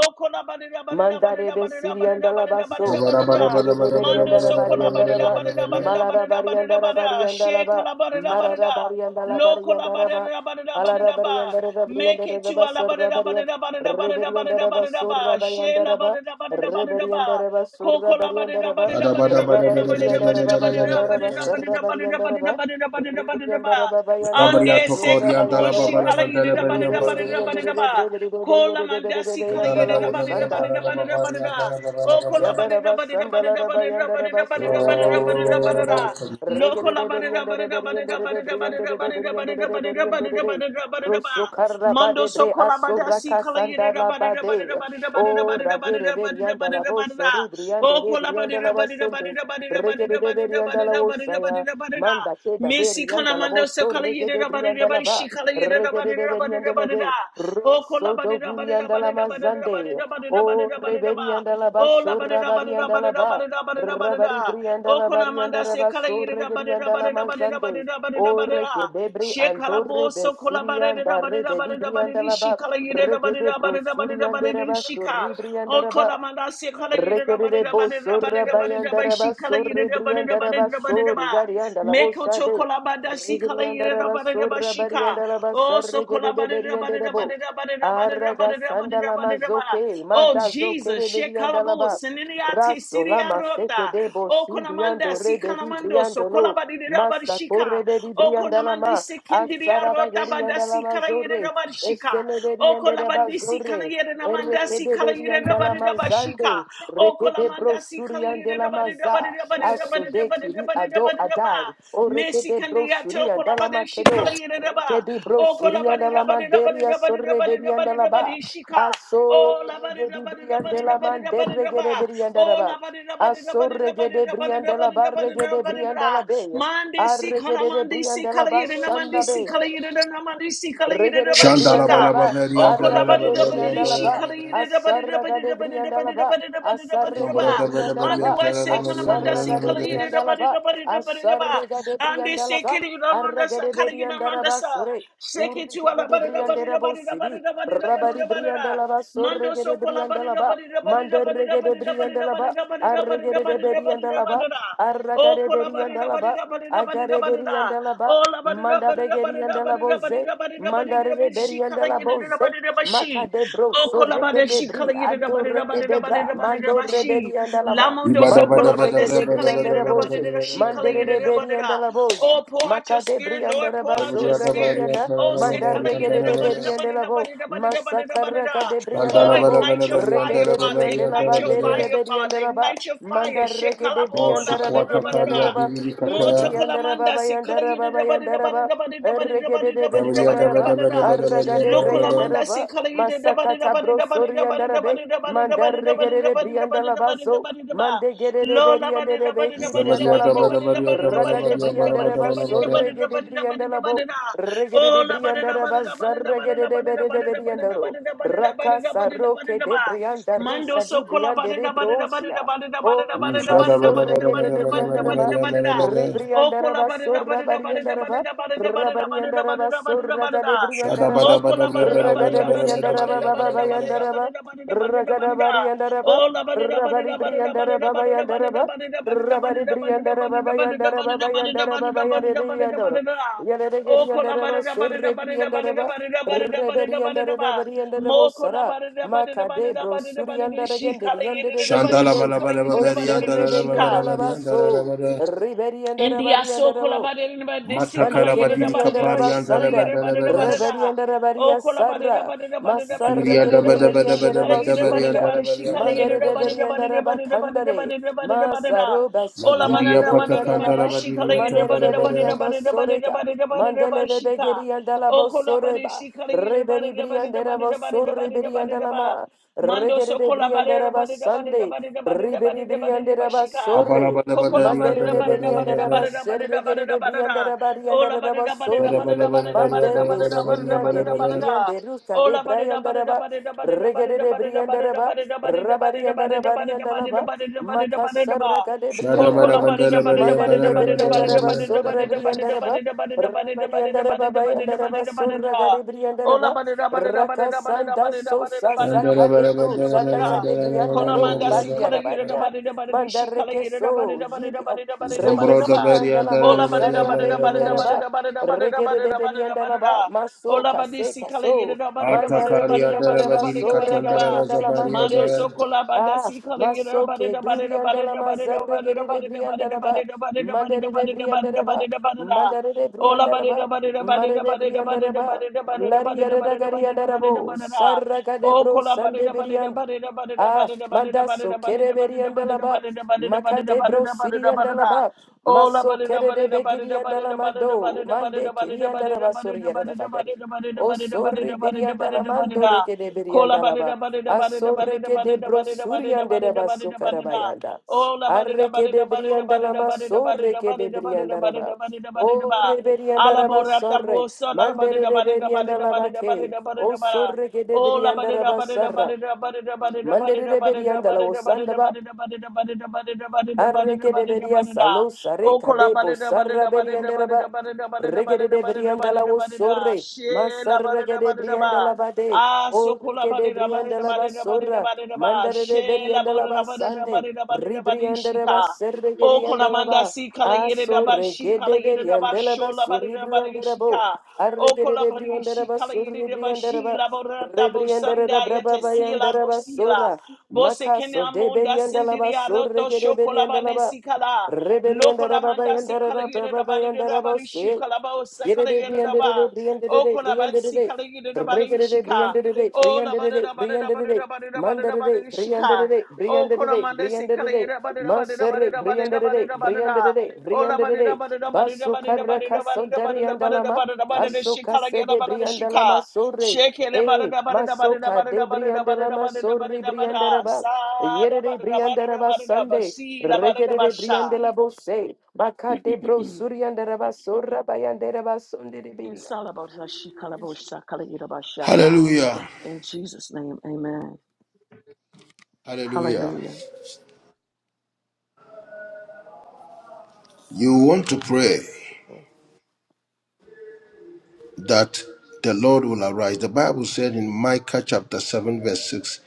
Okola ba da da ba da da ba da Mandare da ba da da ba besiri da da ba andala da da ba da da baso, ba da regere da. de beri Mando andara so bari kolabada andara ba, bada Sabarabarabarabarabarabarabarabarabarabara, bada malara bada bari bada andara bada bari andala she ba, kolabada bada marara bari andala lo bari andara kolabada ba, bada malara bada bari ba andara ba bari make andara it da to ba alabada sarra bari an- bada bada bada reberi bada andara ba bada sorra ba bari she andara ba, labada bada bada reberi ba andara ba Coco sorra la bari ba da da andara ba ba, da da ba da da ba da da rabari ba bari da da ba andara da ba da ba bari da andara ba da ba da sarra da Adabadabadabadabadabadabadabadabadabadabada, ba bari da da ba andara da da ba, ba da da ba da da ba reberi andara ba. ba bari andara Sabaria ba Ande se sorra Tokoria bari kalabo andara shi ba, kala Dalababalabad yida da ba da Dalabarian da ba reberi da da bari ba da Balabada, da andara de ba. bari de Kola de de de de de de manda de si de kala yida andala da wo ba da da Andalabalabadian ba sanda. da da ba da da ba da Balababarian da. O Dalabalabada. kola ba da da Yagaraba ba da da ba da da ba Sandalaraba da da Yandaraba ba da da ba Surra da da ba da da ba da da ba da Oh, Gadibriandaraba da. come on. Lo kola ba da da ba da da ba da da ba da da ba da da ba da da ba da da ba da da ba Rigedeberiandereberiandereberiandereberiandereberiandere da da ba da da ba da da ba. Rusukaraba Mando de so Bre kola ba da si Asuraka kala yida da ba da Sandalaba da ba da da de ba da da ba da da O ba da da ba da da ba da da ba da da Ragereberiandalavo ba da da. O kola ba da da ba Soribrianderebriandalava da da ba da Sunday da ba da da ba da da ba da da ba da da ba da da ba da da Rigedeberiandalawosaya da Manda Cheda Missy Kalamando Beriandalavo Sakala Yedida Badida Badi Sorregedebriandalaba Shikala Yedida Badida Badida Rigedeberiandalade Badida O Kola Russo Badida Badida Badida Badida Doguriandalamazande Badida Badida O Badida Badida reberi Ba andala O La basso Badida rabari Badida andala Badida ba. Badida Badida Rabari Badida bri O andala bari Kolamanda andala Sakala basso Yedida regeri Badida andala Badida Badida mazande. Badida Badida O Badida reke debri Shekala Bo andore Sokola besiri Badida andare Badida bedi Badida bri Badida andala ba. Shikala Yedida Rege de Badida Badida brosuri Badida andara Badida basso Shika ribri Oh, andara ba. Kodamanda, see, Kodayuda, Badi, Rekerere bo Badi, Badi, sorra Badi, Badi, bayandara ba she, Kodayuda, sorre Badi, briandara Badi, ba Badi, Badi, sorre garianda la Meko bosa de. Chokolabada, see, Regriandara Kodayuda, ba Badi, Badi, sorra Shika. bariandara ba Oh, so de Kolabadi, Badi, kerere Badi, Badi, de bo. Badi, Badi, Arraga Badi, Badi, sandala Badi, Badi. mazoke, Oh, manda zoke Jesus, de she, beriandala Kalabu, ba. Seniniate, Raso Siria lama seke rota de bo Oh, Konamanda, simbiando see, rebedi Kanamando, so briando lo Kolabadi, Badi, Massa Shika. corre bedi Oh, briandala Konamanda, ma. see, Kendiria, Asara Rota, Bada, bageriandala see, mazorre. Kodayuda, Badi, Shika. Estele Oh, beriandara ba Kolabadi, zorre. kalayere namanda si Rekede kalayere berian de la rabari rabashika. mazande, O rekede kolamanda si brosurian de kalayere la rabari rabari maza, rabari rabari asode rabari kiri rabari ado rabari rabba. adai, o Messi rekede kandiyato brosurian de la kolabade shi makedo, kalayere rabba. rekede O brosurian de kolabade la rabari rabari manderia rabari sorre rabari berian de rabari la ba, rabari shika. aso O labari rebedi rabari brian de rabari la rabari mande rabari regede rabba. berian de la O ba, labari rabari aso rabari rabari regede rabari rabari brian de la ba rabari regede rabari brian de la rabba. be, Mande si arregede de kalamandi brian si de la ba kalayere namandi sanda si be, kalayere namandi si kalayere Regede rabari Oh, Shandala Oh, Briandalaba, Balabarian Araka de Dalabaria Briandalaba, Dalabaria. Asaraga de Briandalaba, Zabada Asarrega de Briandalaba, Asaraga de Briandalaba, Asarrega de Briandalaba, Arrega de Beniandaraba Sore, Urrega de Briandarabo City, Rabari Briandalaba, Sorrega de Briandalaba, Mandarrega de Briandalaba, Arrega de Beriandalaba, Arrega Oh, de kolabari, rabari, Beriandalaba, rabari, rabari, rabari, Agare Beriandalaba, rabari, Manda Begeri rabari, rabari, rabari, Andalaboze, Mandare Beriandalaboze, Maca de Bro, Sorrega de Bri, Anto Rega de Bra, Mando Reberi Andalama, so Mando Rega de si briandere boze. Mandere de berianda la boza. Oh, pour out your Macade spirit, brianda Lord, la pour out bazo your spirit. regerianda. Oh, say color Mandarregede de berianda la bo. Massacaraca de brianda Oh, la bo. ignite your Reke fire, de Father. brianda la Ignite your bandere de fire, Father. berianda la ba. Ignite your fire. She Mandarreke de brianda la begerianda la ba. Ribrianda la baba yanda la baba yanda la ba. Erregede de berianda la ba. Arraga de brianda la ba. Masakata bro sorianda la be. Mandarregede de brianda la bazo. Mande gerere beriande de begiri andalamo. Ragade briande reba sorrege de briande labo. Regede de briande reba zarregede de bede de beriande ro. Raka saroke de brianda rusa di briande de brosia. Ori basorrege de beriande reba. Rebriande Okola reba barada sorra barada bariande barada reba. barada barada barada Rabariande barada reba barada barada sorra gade barada. briande reba. Mokola barada Ragade barada barada briande reba barada baba barada bayande barada reba. barada barada barada barada. Rakadabari and Araba, Ola barada Rabari barada barada Briandara Baba barada and barada barada Araba, barada Rabari barada Briandara Baba and barada barada Araba by and barada barada Araba barada by barada barada barada Ariandoro. barada barada. Oh, Yanagari and collaborate, Araba, collaborate, Surrebri and collaborate, Araba, collaborate, collaborate, collaborate, Reberi and collaborate. collaborate. Arabari and Arabo More Sara, collaborate, collaborate, Makade bro, collaborate, Suri and collaborate. She again, did calling the end again, did it, Shandala she the bala calling bala it, bala O she bari calling andala it, she bala Serreberi and bala calling. bari Alaba, andala bala so bala. Riberi and India Arabari and so Arabo. kolabare na ba desi Mande kala Matakala yere na badiri kerebri ba anda de la ba kapari shi kala andala basanda. yere ba bala de na ba bala. de Reberi na. anda O reberia kolabare na sarra. ba de na ba de na ba de na Masarre ba Zuriya de da na ba bala de kereberi bala anda shi bala kala reba bala yere ba bari de na surya. ba andala de bari shi kala Mande yere andala na ba bala. de reberi na ba anda de na ba de na ba de na ba rebakandare. de na ba de na ba de na. Masaro O la basiri mana anda Maduriya na rori mana na anda la mana patakandala de shi kala badiri Mande yere ba de atandala na ba reberi de bala. na anda ba de na ba de na ba soreka. de na ba de na ba Mandele de shi ka. rebegeri anda la O kolabare bosoreba. shi kala yere ba de Reberi na bri ba de na anda ba de na ba de na ba rebosorre de na beri ba de anda na la ba. ma. Mando Regere sokola rebri anda barira reba barira barira sande. barira barira Riberi barira brianda barira raba bashika. Abala sorre, bala bala Kokola bari mandere barira de andala barira bala brianda barira raba bala. barira barira serre gere barira de brianda barira. raba rianda Ola raba barira barira Bala sorre, bala barira barira bala bari barira andala bala mandere barira bala suriande bala barira barira ri bala. barira. brianda rusta de Ola barira brianda barira raba, barira barira regere de barira barira brianda raba, barira barira barira rabarianda barira barira raba rianda barira barira raba, barira barira barira makasarra ba. gade Shada brianda bala Kokola raba, barira bandala bari barira mandere barira de andala bala barira bala brianda barira bari raba barira sorre andala barira barira bala. brianda raba, barira barira barira barira rabarianda raba bayanda barira raba barira barira sorra barira. gade brianda Ola raba, ba da da ba da da ba da da ba da da Rakasanda da da da da sosa da da Shandala saka bala de da bro da da da bandala bari zanda ga de andala brianda Kona bala bala ro bari manda si bagia kala da andala yira bala. da bagia ba da da da da manda shi kala yira da ba da rekeso da ba da jiri ba au Zombro da rekesiri beria anda la da mo la Ola ba da beria da ba da zarra da da beri ba da anda da beria. da ba da da da da da rekede da de da da beri da anda la da ba maso Ola ba kase si kala yira kaso da ba da da ba manda da re da ba da Atakaria beri da da anda la da da ba da badiri da sorra da da katonda ba. bari la anda la zabaria mande Mando de da. so kola ba Ah, si kala yira da ba da masoke da ba da da ba da duriandela da ba da da mazarre ba da da gerere da da da briandaraba, da da da mandere briandaraba, da. mandere Ola briandaraba, badada badada badada mandere badada badada briandaraba, badada badada badada lariere da badada badada badada gariandarabo, badada. sarraga de O bro kola sande badada badada briand. badada badada Ah, badada badada mandaso badada badada kere beriandalaba, badada badada badada badada makade bro badada badada badada badada. siriandalaba, Ola maso badada kere de badada badada badada begiriandalamando, badada mande badada badada badada badada kiriandaraba badada badada badada soriere O badada badada badada sorri birianda la badada badada mando badada. reke de Kola birianda la ba. badada badada A badada sorre badada ke de badada badada brosuriande de badada badada basso badada badada. carabayanda. Ola badada Arreke de badada badada birianda la badada badada ma sorre badada ke de badada birianda la ba. badada badada badada O badada. reberianda la ba Alaborata sorre. bosa, la ba de Mandere da de ba de da ba de Berianda da la ba ba de da ba de ke. da ba de O da ba da. sorre ke de Oh, la ba birianda de la da ba ba de da ba sarra. de da ba de da ba de da ba de Mandere da de ba de da Berianda ba la de da ba de da osanda ba de da ba de da ba de da ba de da ba de da Arreke ba de de da ba de da ba beria de da. salo sare Oh, kola ba kadebo de da ba de sarra da ba de da beriandara ba de ba. da ba de da ba de Regede da de ba de da ba de da ba de briandala da wo ba de da. sorre. She la ba de Masarreke da de ba de da ba. briandala ba de. Ah, so O kola reke ba de de da ba de da briandala ba ba de da ba de da sorra. ba de da ba. Mandare de She la ba beriandala de da ba ba de da ba sande. de da ba de da ba de Ribriandara ba shika. serre O geriandala konamanda ba. si kala yere Aso daba shi reke kala de yere daba beriandala sho ba la ba de sorri daba briandara bo. shika. O Arreke kola de ba de briandara shi ba kala yere sorri daba shi briandara la borata rata bo Rebriandara da braba yete si la bo si la. basura. Bo se kene Makaso de amunda beriandala sindiri basura aroto ke de sho kola ba beriandala de ba. si kala. Lo Reberiandara kola baba manda si yandara kala da yere braba daba de bayandara daba shi bose. kala ba osa Yere kala de yere briandere de daba. briandere O de kola ba briandere si de. kala yere daba Regere de shika. briandere de O la ba briandere de de daba de daba briandere de de. daba daba Mandere daba de shika. briandere de Oh, briandere Koramanda briandere Sikarida Badida Badida Masere Badida Badida briandere Badida Badida. briandere Oh, la briandere Badida Badida Badida Basu Badida Badida karakaso Badida deriandala Badida Badida Badida Badida Aso Shikala kase Gada de Badida briandala Shika. Shake it Eh, Badida Badida Badida Badida masoka de Badida brianda la Badida Badida masori Badida brianda Badida. raba. Yere Sada de Badida brianda Badida raba Badida Sunday. Basi La Badida Regede de Basha. brianda la bose. Maka de bro surianda raba sorra bayanda raba Sunday de It's biria. all about her. She kalabosha kalabashaka. Hallelujah. Hallelujah. In Jesus' name, amen. Hallelujah. Hallelujah. You want to pray that the Lord will arise. The Bible said in Micah chapter 7, verse 6,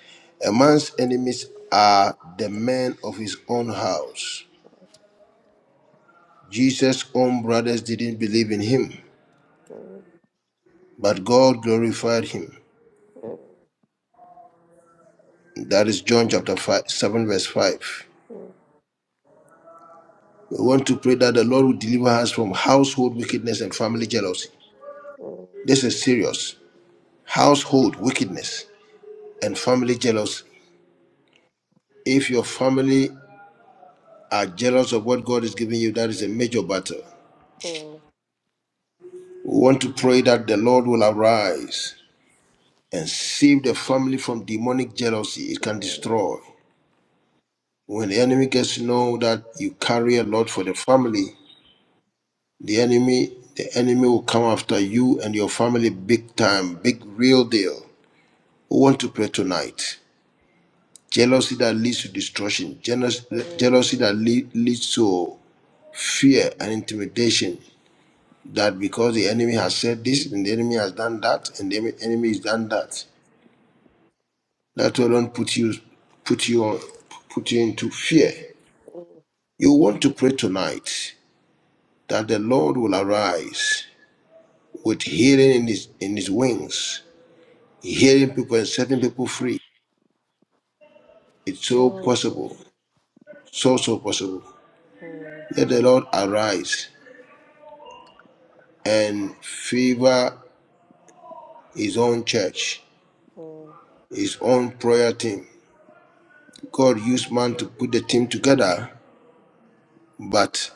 a man's enemies are the men of his own house. Jesus' own brothers didn't believe in him, Mm, but God glorified him. mm, That is John chapter 5, 7, verse 5. mm, We want to pray that the Lord will deliver us from household wickedness and family jealousy. mm, mm, This is serious. Household wickedness and family jealousy. If your family are jealous of what God is giving you, that is a major battle. mm, mm, We want to pray that the Lord will arise and save the family from demonic jealousy it mm, can destroy. When the enemy gets to know that you carry a lot for the family, the enemy the enemy will come after you and your family big time, big real deal. We want to pray tonight. Jealousy that leads to destruction, jealous- jealousy that lead, leads to fear and intimidation. That because the enemy has said this and the enemy has done that and the enemy enemy has done that, that will not put you, put you, put you into fear. You want to pray tonight that the Lord will arise with healing in his in his wings, healing people and setting people free. It's mm, so mm, possible, so so possible. Let the Lord arise and favor his own church, his own prayer team. God used man to put the team together, but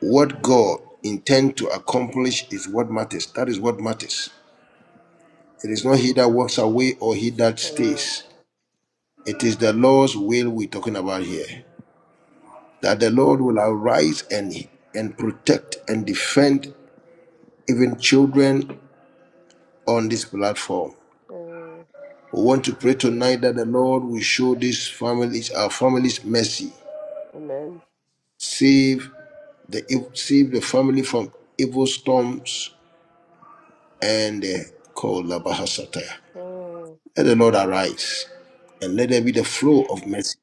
what God intends to accomplish is what matters. That is what matters. It is not he that walks away or he that mm, stays. It is the Lord's will we're talking about here. That the Lord will arise and and protect, defend even children on this platform. mm. We want to pray tonight that the Lord will show these families, our families, mercy Amen. save the save the family from evil storms and the call Labahasataya. Mm, Let the Lord arise and let there be the flow of mercy.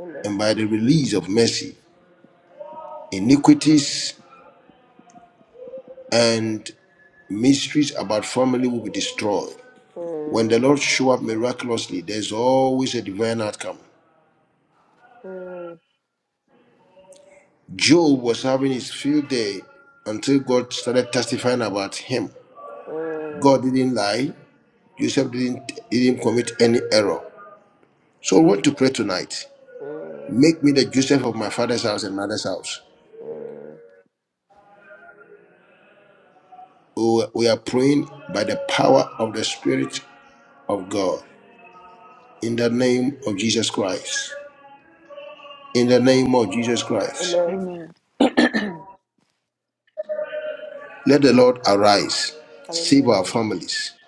Amen. And by the release of mercy, iniquities and mysteries about family will be destroyed. When the Mm, Lord show up miraculously, there's always a divine outcome. Job was having his field day until God started testifying about him. mm, mm. God didn't lie. Joseph didn't didn't commit any error. So we want to pray tonight. mm. Make me the Joseph of my father's house and mother's house. Mm. We we are praying by the power of the Spirit of God. In the name of Jesus Christ. In the name of Jesus Christ. Amen. Amen. Let the Lord arise. Save our Hallelujah. families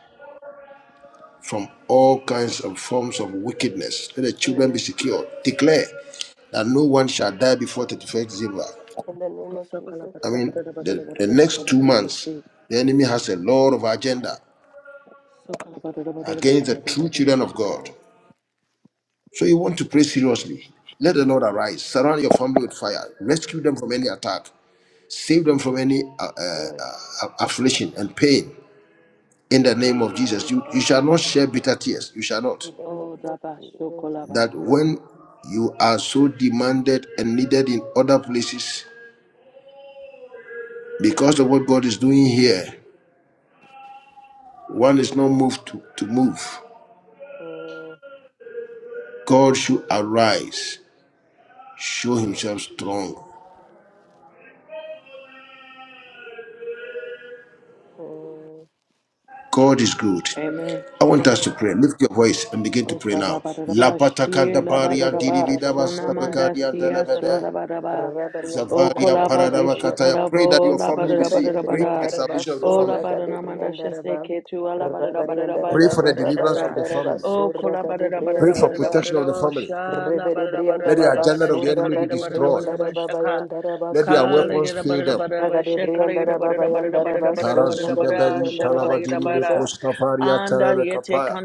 from all kinds of forms of wickedness. Let the children be Mm. secure. Declare that no one shall die before 31st December. In the name of So Jesus. I kalabadada mean, badada badada the, the badada badada next two badada months, bashi. the enemy has a Mm. lot of agenda against the true children of Sokolabadadabadadabadadabadadashika. God. So you want to pray Mm. seriously. Let the Lord arise. Surround your family with fire. Rescue them from any attack. Save them from any uh, uh, Mm. uh, affliction and pain. In the name of Jesus, you, you shall not Ndayelabadishi. share bitter tears. You shall not. In the name of Jesus. Odabasokolaba. That when you are so demanded and needed in other places, first of all, there, one is not moved to, to move. Mm. God should arise, show himself strong Mm. God is good. Amen. I want us Amen. to pray. Lift your voice and begin to pray now. Osalabadadaba, Lapata kanda Obe baria and shilabadadaba, Dada dirivida Bo, basta Spirit of bakaria Everything, sonamandasiya, and Dada Ba, televede. solabadaba. Rabbi and Dada Zavaria Da, Rabba Ba paradava and Okolabadishi, Dada kataya. Ba, Pray kolabo, that your family be Rabba De saved. Bri Pray labadadabadadabada. and for the Dada Ba, salvation of the family. Surra Ga De Bri and Dada Ba, Olabadadamandashaseke, Rabba Ri and Dada Pray Da, for the Rabba Ba deliverance tualabadadabadadabadadabadashasa. of and the Dada Ba, family. Surra Ga De Bri and Pray for Dada Ba. protection of the family. Okolabadadabadadabadadabadadabadadabadasha, Rebede Let the Briandala agenda of the labadadabadadabadadabadashaka, Basura enemy be Gade destroyed. Briandara labadadabadadabadadabadashaka. Babayandara Let their Basuri weapons fail them. Ragade Briandara Babayandara Basura Gade Tarazudabeli Briandara Ba talabadiri Jesus bekostafaria televekapaya.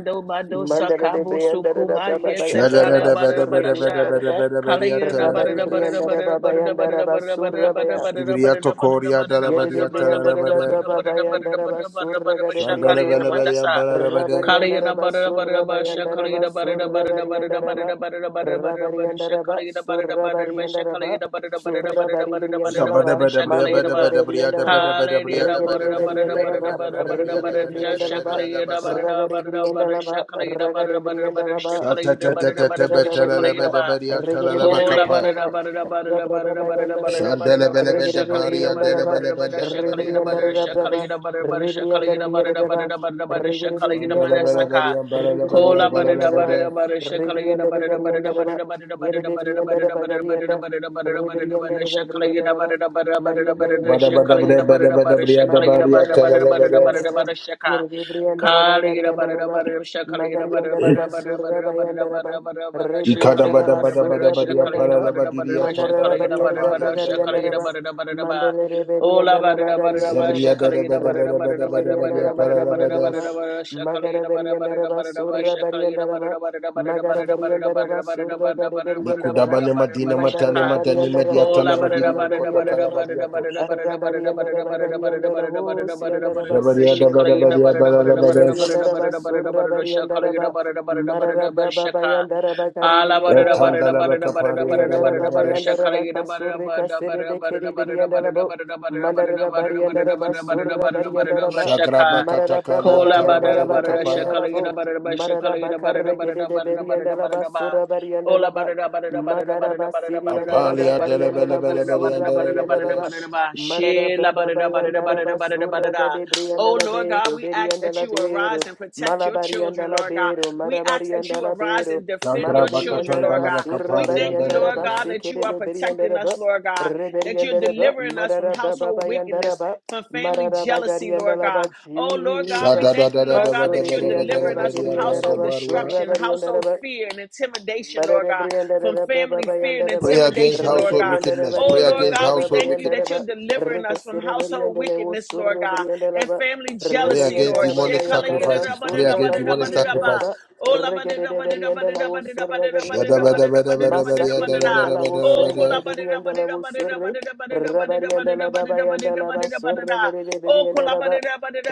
Mandara de Briandara Babayandara Basuri Briandara Ba Shadadadabedabedabedabedabedabediya Rabari telelebede. Briandara Babayandara Basura baya. Zubriya tokoria Yerede dalabadia talalabade. Briandaraba Babayandaraba Surraga de Shandala Briandaraba balabalia balalabade. Kalina Rabariandaraba Barada Barada Basha Surrabayandaraba Kalina Barada Barada Barada Surrabariandaraba Barada Barada Barada Barada Barada Rabariandaraba Shakalina Barada Barada Basha Surrabariandaraba Kalina Barada Barada Barada Barada Barada Zabada Surrabariandaraba Barada bada bria Shakalina Mandere bada de Ba bada bria da Briandaraba, bada bada bria Kalina da Regere bada de Barada bada Barada bria da Barada Briandaraba, bada bada Barada Barada bria Regere da de gada Barada gada gada Briandaraba, ya da Shakalina basa. Barada Ragari Barada Barada Briandalaba, Shakalina Ragari Barada Barada Barada Briandalaba, Sata Shakalina ta ta Barada ta ta Barada Basha betala la Rebellion, Kalina bada Ba bria tala Regere la Kola bakapa. Briandalaba, barada barada barada Rabraba barada barada Yandaraba, barada Shandala barada bala barada Regere bada shakala bari yida and dala barada Briandalaba, barada bala barada bada la shakala bari yida and dala barada la bada. shakala Rebriandaraba, yida barada barada shakala yida barada Rebriandaraba, barada barada barada Regere shakala yida Shandala Briandaraba, bala bari manasaka. and bala la bari and Kola bala barada Rebriandaraba, barada bada. barada shakala yada barada barada Rebriandaraba, barada barada Yere barada barada barada Briandaraba barada barada Garianda, barada barada barada barada Rebriandaraba shakala yada Briandaraba, barada barada barada barada Mariandaraba Bada bada shakala bria yada bada barada Briandaraba bada barada shakala yada Marabari barada Maragarianda barada Rabagarianda Raba, shaka Yeribrianda kala yada Rabagarianda barada Raba, barada shakala yada barada Magarianda Raba, barada barada barada Surabayanda Raba, barada barada barada barada shakala Rebrianda yada Raba, barada barada Ikadabadabadabadabadia shakala Surabrianda yada Raba, barada barada paralabadiria barada Mandara shakala yada Rabarianda barada twandalabakapari barada shakala Rabagarianda yada Raba, andelebedes. Mandele Oh Ola Reberianda barada barada ba da Rabagarianda ba Zebria Raba, shakala yada barada barada barada Regerianda dadabadabadabadabadia barada barada barada Rabagarianda Raba, barada paralabades. barada shakala yada Magaraberianda barada barada barada Raba, ba da ba shakala yada Surabarianda Raba, barada barada barada barada barada Magaraberianda Raba, barada barada Surabarianda Raba, Mikudabane barada barada barada barada barada madina barada Mandara matane shaka madani Rabarianda media kola Rabagarianda barada talabadiri barada mikota barada Rabagarianda Raba, barada kalabadiatos. barada barada Arabari and barada barada barada Arabagari and barada barada Arabos barada barada and barada barada Zebria Arabasiri and shakala Araba yada dabadabadia barada barada barada Rebari paralabades. and Araba barada barada barada barada Surabari and shakala yada Araba barada barada barada barada Mararababa shaka and Arabakari Ala and barada Araba barada barada barada Etandalabakapari Rabari and barada barada Arababa barada and andelebedes. shakara yada Arabaka barada Surika barada Siri barada barada Bekiri Biri barada and barada Arabo barada barada barada Mandarabari and barada Araba barada barada barada barada Surabari and barada barada Araba Shaka. Shagrabakatakalia Kola Mararababa and barada talabaderi barada Arabakari and kapaya. shakala Arabo gida barada ba shakala gida Mararabakar barada barada Gede barada and barada Araba barada ba. Surabari and Ola Araba barada barada barada barada Magaraba barada Siri and barada barada Apalia barada Arabakari and barada Arabo delebelebelebedia barada barada barada Surabari and barada Araba andelebedes. barada ba. Marara Shela braba barada barada bayanda barada raba barada surra barada. gade brianda Oh la Lord God, bero, we ask berianda that andala you arise bero, and protect your malabarianda children, la Lord God. bero, We ask that marabarianda you la arise bero, and defend your madaberianda children, Lord raba God. We surra Shagrabakatandalabakapari thank you, barianda Lord raba God, andelebedes. that you sekede are de beri protecting andara us, ba Lord God, raba, that you're reberianda ba delivering us from marara braba household bayanda wickedness, raba, from family marara bagari jealousy, Lord andala God. ba Oh Lord God, Pray we Jesus, thank you, Lord God, that masore you're brianda delivering raba, us from gerianda household raba, surra destruction, household ba. fear and intimidation, Lord God, from Rebriandala family Baba fear and Yandala Baba against intimidation, Lord household God. wickedness. Pray Oh Lord Yandala against God, Baba we by household thank and you the that you're Rubber, wickedness. delivering us from Ricosiri and household the Levo wickedness, Lord God, Surabri and the and Rubber, family Pray Rebri jealousy, and the against Lord. Rabba by demonic and the Rubber, sacrifices. Pray against demonic Surabri and the Lava, sacrifices. Regade de Berry and the Lavo Suragari and the Lava, Massacri and the Lavo Oh, Suragari and the Lavo Surri, Rabari and the Lava by and the Lava, Suragari de Berry Oh, and the Lava,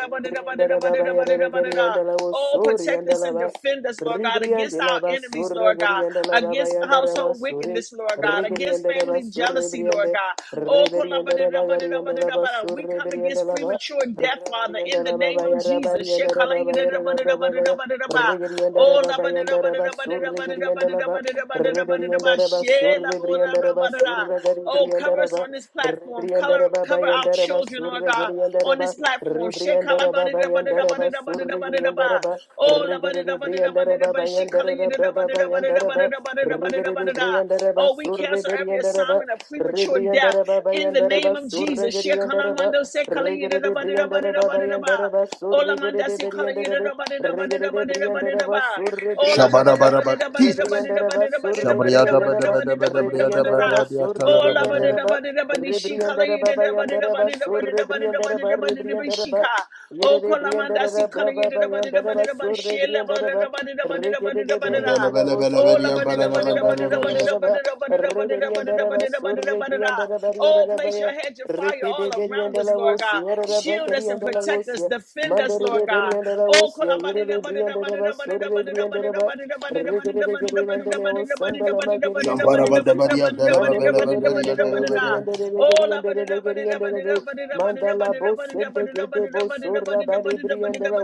Rebri and the Rabba by and the Regari and the Lavo Oh, Suri protect us Yandala and Ba defend us, Lord God, against Ribrianda la our enemies, basura, Lord God, gerianda la against babayanda la household basura, wickedness, Lord God, against rigerianda la family basura, jealousy, Lord ribrianda, God. Oh, riberianda la bagarianda la basura, we come riberianda against la ba, premature death, Father, rabarianda in the la name of babaya, Jesus. rabarianda la babaya, rababaya, rigerianda la babayanda la basura, rigerianda la ba, riberianda la basura, ribrianda la basura, Oh, oh, garibrianda cover la us ba, on this platform. Color, ribrianda la cover our babayanda la children, Lord basura, God, gerianda la on this ba, this platform. ribrianda la babayanda la basura, rigerianda Shekalabadidabadidabadidabadidabadidaba. la ba, Oh, Regede Briandara Baba labadidabadidabadidabadi- Yandara Baba Yandara Baba Regede shekalayidabadidabadidabadidabadidabadidabadidabadida. Briandara Baba Oh, we Surre cancel every Briandara Baba assignment of premature death Rebriandara Baba in the Yandara name Baba of Surre Jesus. Gediandara Baba Shekalamando Regede Briandara Baba Yandara sekalayidabadidabadidabadidaba. Baba Oh, Surre lamanda Gede Briandara Baba Regede Briandara Baba sekalayidabadidabadidabadidabadidabadidaba. Surre Oh, Briandara Baba Rebriandara Baba Surre Briandara Baba Rebriandara Baba labadidabadidabadidabadidabadidabadidabadidabadidabadidabadidabadidabadidabadidabadidaba. Surre Oh, la ba da Briandara da ba Baba da da ba da shika la Rebriandara yi da Baba da ba da da Yandara ba Baba da da ba da Surre da ba da da ba Briandara da Baba da ba da da ba Rebriandara shika. Yere Oh, de kola brianda manda da da si bra kala yi ba da ba da ba da yanda da ba da ba da ba sur she de la ba brianda da ba da ba da da ba da da reke ba da de da ba da da. ba sur Oh, la de ba da da ba brianda da da da ba ba da da gari ba da yanda da da ba da da ba da da ba re da da ba da brianda da da ba ba da da ba sur da da de ba da da. brianda da ba yere Oh, da ba place your ya hedge of fire reke de all around brianda us, da ba Lord God. sur da ba Shield gari us and ba protect us, sur defend us, mandere Lord de God. brianda da ba Oh, sur kola ba yere da da de ba da da brianda ba da ba da ba da sur da ba de da da ba brianda da da da ba ba da da ba da da ba reke da de da de ba da da ba da da ba da ba da ba da sanda da la ba ma da da ba gari da da yanda ba da da ba da ba da sur da ba da da ba da da. mandere Oh, de brianda ba gari ba gari ba gari ba Mandala bo sente gede bo sora bari brianda la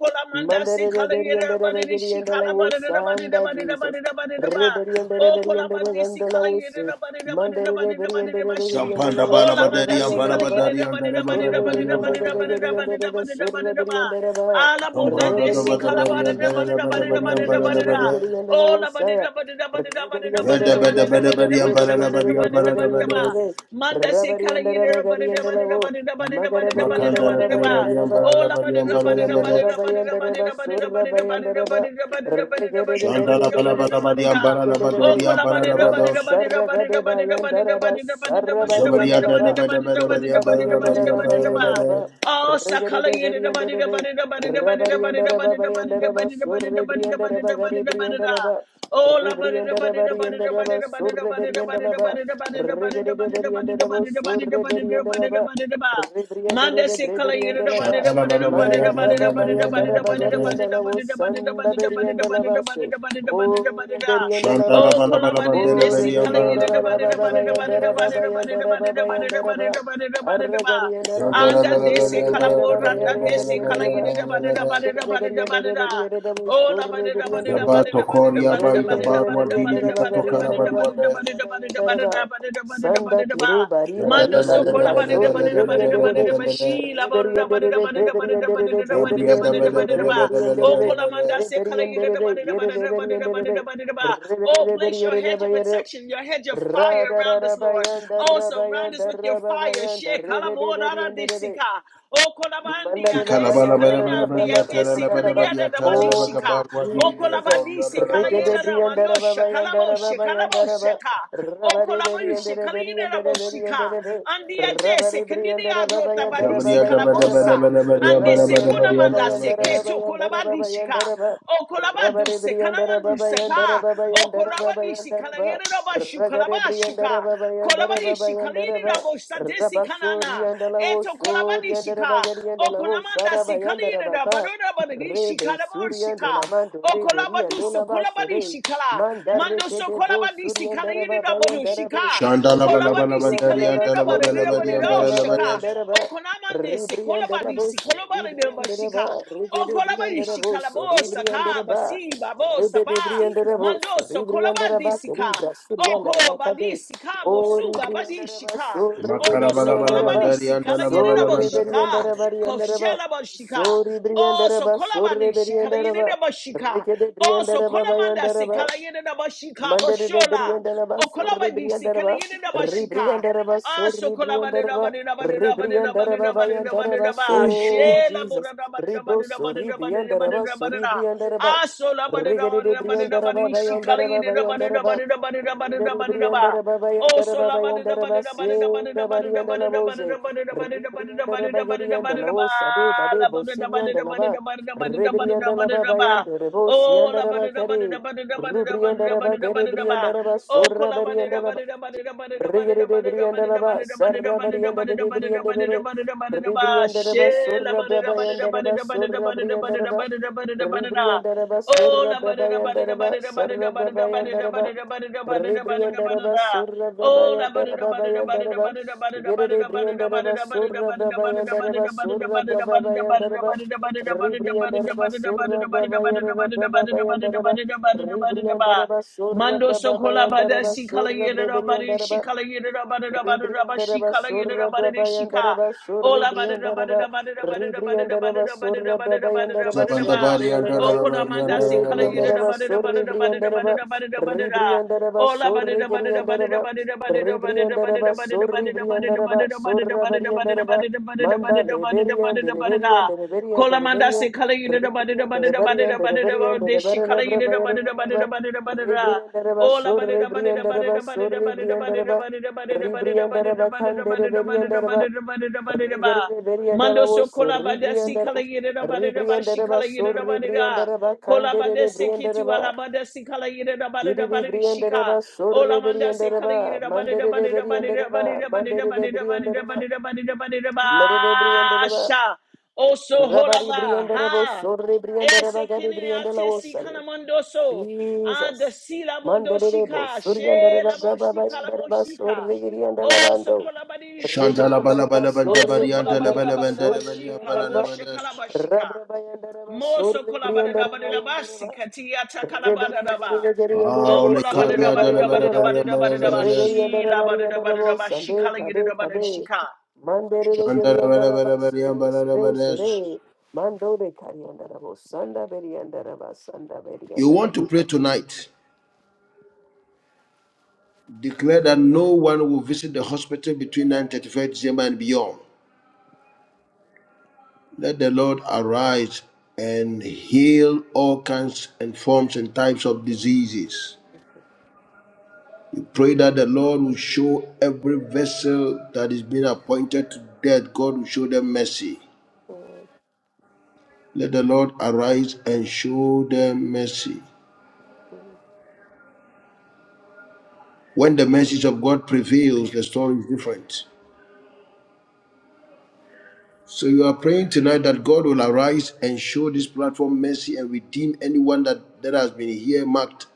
Colamanda, see color, everybody, she color, but everybody, Mandarabariandarabariandarawosanda, everybody, everybody, Jesus. everybody, Oh, Colabandi, see color, Rebariandarabariandarawandalawose. everybody, everybody, everybody, everybody, everybody, Yampanda Oh, bala badari Lamanda, see yampala color, Mandarabariandarabariandarawosarabariandaraba. badari everybody, yampala everybody, badari everybody, badari everybody, everybody, yampala badari everybody, everybody, everybody, everybody, Yerabariandarabariandarabasurabariandaraba. Alaboda, Sombroto they do see bada color, badari but yampala everybody, la bada everybody, badari everybody, yampala la everybody, badari Oh, Labadi, Rebariandarabariandarabariandarabariandarawosaya. everybody, everybody, everybody, Veda everybody, bada bada everybody, badari yampala la badari yampala la badari Rebariandarabariandarabariandarabariandarabariandaraba. Manda se kala yidera bada da bada da Rabariandarabariandarawo. bada da bada da bada da bada da Makanda la bada da bada ba. badari Magarabariandarabariandaraba. yampala Oh la la badari bada da yampala bada la Rebriandere, da bada da badari bada da bada rebriandere, da bada da bada da bada da bada da bada da Shanda bada la da bada da bala bada da bada da bada badari bada da. yampala la Oh badori kola yampala bada la da bada da bados bada da bada da bada da bada da bada da bada da bada da Zobari bada da yada bada da da bada da bada bada da bada bada badari da yampala la bada badari da bada yampala da la ba. badari Oh, Sakala yada da ba da da ba da da ba da da ba da da ba da da ba da da ba da da ba da da ba da da ba da da ba da da ba da da ba da da. Oh, la ba da da ba da da ba da da ba da da ba da da ba da da ba da da ba da da ba da da ba da da ba da da ba da da ba da da ba da da ba da da ba da da ba da da ba. Manda Sakala yada da ba rebriandere, da da Shanda la ba da bala da ba badari da da Marada yampala la ba da da braba ba da badari da ba da da bayandara yampala ba la da da bagari ba and badari da da ba da alavo da ba da da ba da sanda da beri ba da da ba and da da ba da da ba da da ba alavase. da da ba O da da. reberi and Shanda la Oh, bala alavase. kola bala ba da O badari desi kala reberi yampala and yada la da ba alava da da badari ba da da ba yampala da la da bayandara ba da badari da ba da da ba babayandara da da ba da da. babayandara ba. Arragari and alavos, Zabato Anda O desi reberi and kala alava borata desi bayandara and kala yiri alava. da ba da da ba da da ba da Reberi da and ba da da. reberi and alavos, Oh O la ba da da reberi ba and da da ba da alava. da ba Koria da da ba Baita Reberi da and da ba da Barwa da reberi and ba Diri da da alavagari ba and Katokara da da ba alava Badwada da bayandara da ba da da ba bayandara da da ba ba. da da ba da da ba da da ba da da ba da da ba da Sanda da ba. kiru bari bari Mando so bari kola ba da baso da ba da da ba reberi da and da ba da alava. da ba shi la ba da Reverie da and ba da Dede, da ba da da ba Reverie da and da ba da Dede, da ba da da Zabria ba da da ba da da ba. Reverie Oh kola manda se kala yiri da ba da da ba da da ba da da ba da da ba da da ba. Oh place your hedge of protection, your hedge hedge of fire around us, Lord. Oh, surround us with your fire. and Share kalabodara Reverend desika. Oh, kolabandia Kalabala Bada Bada desikaninandia Badia Tara Labada Mandarabhayandarabhabayandarabha. desikaniada Badia Tara Labaka dabanishika. Oh Barwa Oh, Diri Jesus. Toria kolabadisi kalayeda Dalabados damandosha kalabosha Rikidibriyandarabhabayandarabhabayandarabha. kalaboshaka. Oh, Rabariberiyandarabariyandarabariyandarabe. kolaboshi kalayeda boshika. Andia desi kandidia rota badisi Zabria Dabada Bada Rabaribriyandarabhabayandarabhabayandarabha. kalabosa. Bada Badia Ande Bada Bada sekuna Badia manda Bada Bada seketu kolabadishika. Rabariyandarababayandarabhabayandarabhabayandarabha. O kolabaduse, kalamanduseka. O kolabadisi, Rabaribriyandarabhabayandarabhabayandarabhabayandarabha. kalayerabashu, kalabashuka. Kolabadishi, Ragaribriyandarabhabayandarabhabayandarabha. kalirabosa, desi Rabasori kanana. and Alavo Eto Sori and kolabadishika. Rabagari and O Alavo kolamandasi, Sarabaya and Rabaka kalirabadurabadishi, Rebe Suri and kalamorshika. Elamando O Reberi and kolabadusu, Olabasore kolabadishikala. Mandareke Mandoso de Bro kolabadisi, Suri and Rababaya and kalayerabadu Rabe shika. Shandala Bala Bala Reberi Kolabadisi, and Bandaria Alavaso Dalabala Rebri Badia and kalayerabadu Rababaya and Bada shika. Okonamande se Ribri and kolabadi si Rabos kolabadi de Ribri and Raba bashika. O Rebri kolabadi and si Rabos kalabosa Ribri and ka Raba basi babosa Rebe ba. de Bri and Rabos Mandoso Ribri and kolabadi Rabaka sika. Ribra Suri and Oko badi Rabaka sika Ori bosu babadi briandaraba, shika. sorri beri Ondo Makara so bala bala Makarabala briandaraba, kolabadi bala and sika la gerera Dalabala sorri boshika. briandaraba, Mandarabadas, briandaraba, Kofshala boshika. sorri Oh, so briandaraba, sorri kolabani shikala yene briandaraba, na bashika. rikede Oh, so briandaraba, kolamanda bayandaraba, sikala yene na bashika Mandere de bashola. Briandaraba, Oh, Surre kolabani sikala Briandaraba, yene na bashika. Rebriandaraba, Ah, so Surre kolabani na Briandaraba, bani na bani na bani na bani Rebriandaraba, na bani na bani Bayandaraba, na ba. so Shela Jesus, bora na bani na Rebro, bani na bani Surre na bani na bani Briandaraba, na bani Surre na. Briandaraba, Ah, so la bani na Regere bani de na bani na Briandaraba, bani shikala Bayandaraba, yene na bani na Bayandaraba, bani na bani na bani na Reberi bani na ba. Briandaraba, Oh, so Bayandaraba, la ba da da ba Bayandaraba, da da ba da da ba da da Sera ba da da ba da Bariandala da ba da Mose, da ba da da ba da da ba da Rebriandaraba, da ba da da ba da da ba da Geriandala, da ba. Osa de Bade, La ba da da ba da da ba da Bosiniandalaba, da ba da da ba da da ba da da ba da Rebriandalaba, da ba. Bayandarabo, Oh, la ba Siandaraba, da da ba da Kari. da ba da da ba da da ba da da ba Rubriandaraba, da da ba da da ba. Gerebriandaraba, Oh, ko la ba da da ba Surabriandaraba, da da ba da da ba da da ba da da ba Rigede da da ba brianda baba, da da ba da da sarra ba da da ba brianda da da de ba brianda da da de ba da da ba da da ba da da ba da da ba. Ribrianda She raba, la surra ba da da ba da da brabayanda ba da raba, da ba da da surra ba da da ba brianda da da ba raba, da da ba da da ba da Ribrianda da. raba, surra brabayanda raba, sarra brabayanda raba, Ribrianda raba, surra brabayanda raba, bayanda raba, Yede brianda raba, surra brabayanda raba, surra brabayanda raba, Ribrianda raba, surra brabayanda raba, brabayanda raba, Ribrianda raba, surra Mando sokola brabayanda bada raba, si kala surra yeda da brabayanda bada si raba, kala yeda da bada da bada da bada si Ribriandaraba kala yeda da Surra bada da si ka. Brabayandaraba Surri Ola bada da bada Briandaraba da bada da bada da bada da Ribriandaraba bada Surra da bada da bada da bada da Brabayandaraba bada da Surri ba. Zabandabari and Briandaraba Okona Dalabari and manda si Yere kala yeda da Briandaraba Dalabadas, bada da bada Surri da bada da bada Briandaraba da bada da bada da. Ribriandaraba Surri Briandaraba Ribriandaraba Surri Briandaraba Surra Briandaraba Manda Leberian Deliberian Deliberian Kolamanda Deliberian se kala you the body the Ribrian body the body Deliberian the body Deliberian the this she kala Deliberian you the body the body the Deliberian body the body the Ribriandaraba Oh la body Surri the body the body Briandaraba the body the Surri body the body the Briandaraba body the body the body Ribriandara the body the bakandere body the body the body beriandara ba the body the body the body the regere body beriandara Mando wo so so kola bada si ribriandara kala you the body the body she ribriandara ba kala you so the body ribriandara ba kandere Kolabadesi ribriandara kitu ba alabadesi kala yida da bada da diri bada di ribriandara shika. ba so Olamandasi ribriandara kala ba yida da bada da mandere bada da bada ribriandara da ba bada da bada da mandere bada ribriandara da ba bada da bada da bada da bada da mare ribriandara ba basha. Oso rabari holaba ribriandara bo ha. so ribriandara ba Ese gari kinini ribriandara ate wo si sari kana mondoso. Anda Jesus. si la Manderebo, shika. She Suriandara la bo Brababa shika la bo Yandaraba, shika. Surigriandala Oso Bando, kolabadi Shandala shika. Rigriandaraba, Balabala Oso Bandabari and kolabadi da Surigriandaraba, Dalabala bada da Bandarabalia bashika la Surigriandaraba, bosha Balanabadas, kalabashika. Rabraba Yandaraba, Moso kolabada Suribriandaraba Yandaraba, kolabadidabadidabasi katiyata kalabadadaba. O Reberiandarabo, Aulikaria Suraba bala bala bala ah Yandaraba, le kari andala bala bala bala kolabadidabadidabadidabadidabadidaba. bala Shi Reberiandaraba Yandarabo, labadidabadidaba. Shi Sunday, Kade, Kade, kalayidabadidabadidabashika. Mandere Shandala Giriandalaba, bala Sure, Sure, Balanabadas. Sure, Mando de Cariandarabo, Sanda Beriandaraba, Sanda You Beriandaraba. want to pray tonight. Declare that no one will visit the hospital between 9:35 December and beyond. Let the Lord arise and heal all kinds and forms and types of diseases. Pray that the Lord will show every vessel that is being appointed to death, God will show them mercy. Let the Lord arise and show them mercy. When the message of God prevails, the story is different. So you are praying tonight that God will arise and show this platform mercy and redeem anyone that, that has been here marked.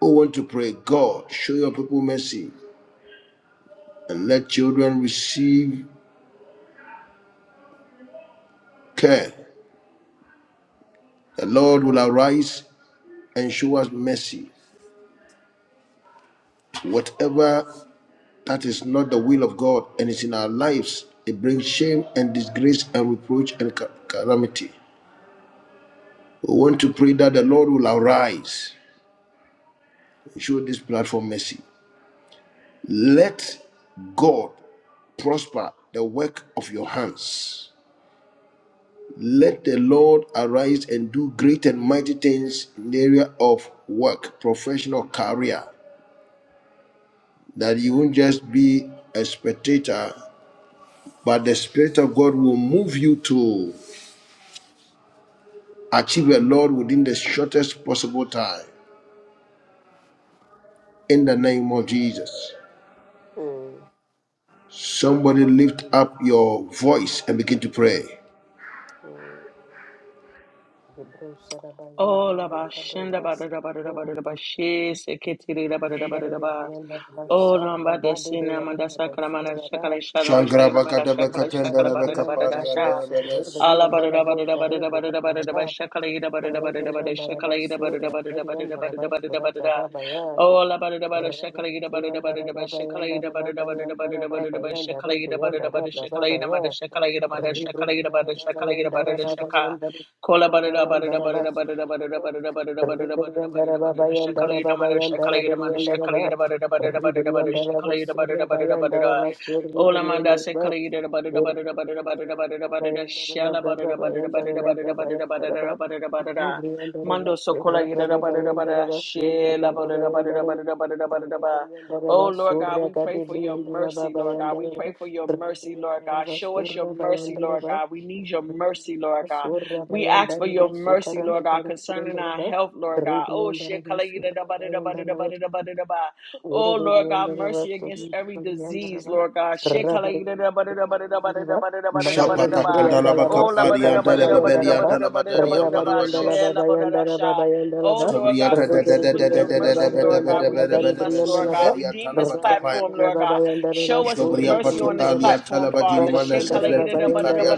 Oh, want to pray, God, show your people mercy and let children receive care. The Lord will arise and show us mercy. Whatever That is not the will of God and it's in our lives. It brings shame and disgrace and reproach and ca- calamity. We want to pray that the Lord will arise and show this platform mercy. Let God prosper the work of your hands. Let the Lord arise and do great and mighty things in the area of work, professional career, that you won't just be a spectator, but the Spirit of God will move you to Achieve your Lord within the shortest possible time. In the name of Jesus. Somebody lift up your voice and begin to pray. Hebrew O Sarabayandaraba, Cabo Brass, Go, labashendabadidabadidabadidabadidaba. Shi Mandarabi, seketiridabadidabadidaba. Yandaraba, Oh, Sarva, Lamba de Badi, Sina, Mandasa, Briandaraba, Kalamana, Shakala, Suraba, Shana, Washakala, Mada, Shakala, Badi, Shakala, Bada, da, Bada, da, Briandarabo, Sha. Shangrabakatabakatandarabakapariandarabadas. Surabri, Ala, and Bada, da, Darabo, Bada, da, Bada, da, Sarabri, Bada, da, Bada, da, Bada, Yandaraba, Shakala, Ida, Bada, da, Bada, da, Sarabri, Bada, Yandaraba, Shakala, Ida, Bada, da, Bada, da, Surabri, Bada, da, Bada, da, Yandaraba, Bada, da, Bada, da. Surababa, Oh, La, Bada, da, Bada, Rebriandara Shakala, Ida, Bada, da, Bada, da, Bada, Shakala, Ida, Bada, da, Bada, da, Bada, da, Bada, da, Bada, Shakala, Ida, Bada, da, Bada, Shakala, Ida, Mada, Shakala, Ida, Mada, Shakala, Ida, Mada, Shakala, Ida, Bada, da, Shaka. Kola barada barada barada barada barada barada barada barada barada barada barada shakala yida mara shakala yida mara shakala yida barada barada barada barada shakala yida barada barada barada Ola manda shakala yida barada barada barada barada barada barada shala barada barada barada barada barada barada barada barada Mando sokola yida barada barada shela barada barada barada barada barada barada Oh, Rebriandaraba Lord God, surra we kadi pray for your briandaraba mercy, Lord God. We bayandaraba pray for your mercy, Lord God. rebriandaraba Show us your surra mercy, Lord bayandaraba God. We need your mercy, rebriandaraba Lord God. surra We ask for bayandaraba your mercy, sukaraba Lord God, kari concerning our briandaraba health, Lord God. Oh, shit. rebriandaraba color you da surra ba da da ba da da ba bayandaraba da da ba da da ba. Oh, Lord God, mercy Rabari against every disease, Lord God. Shit. kala yida da Oh, Oh Lord God, da grace da us da with da da your da da da mercy, da Lord God. da da da da da Redeem us, Lord God. Saferia Redeem this Talabakapaya. platform, Lord God. Show us Jobria mercy on and this the Patukalia platform, Talabadiri Father. Mana Sefleti Picaria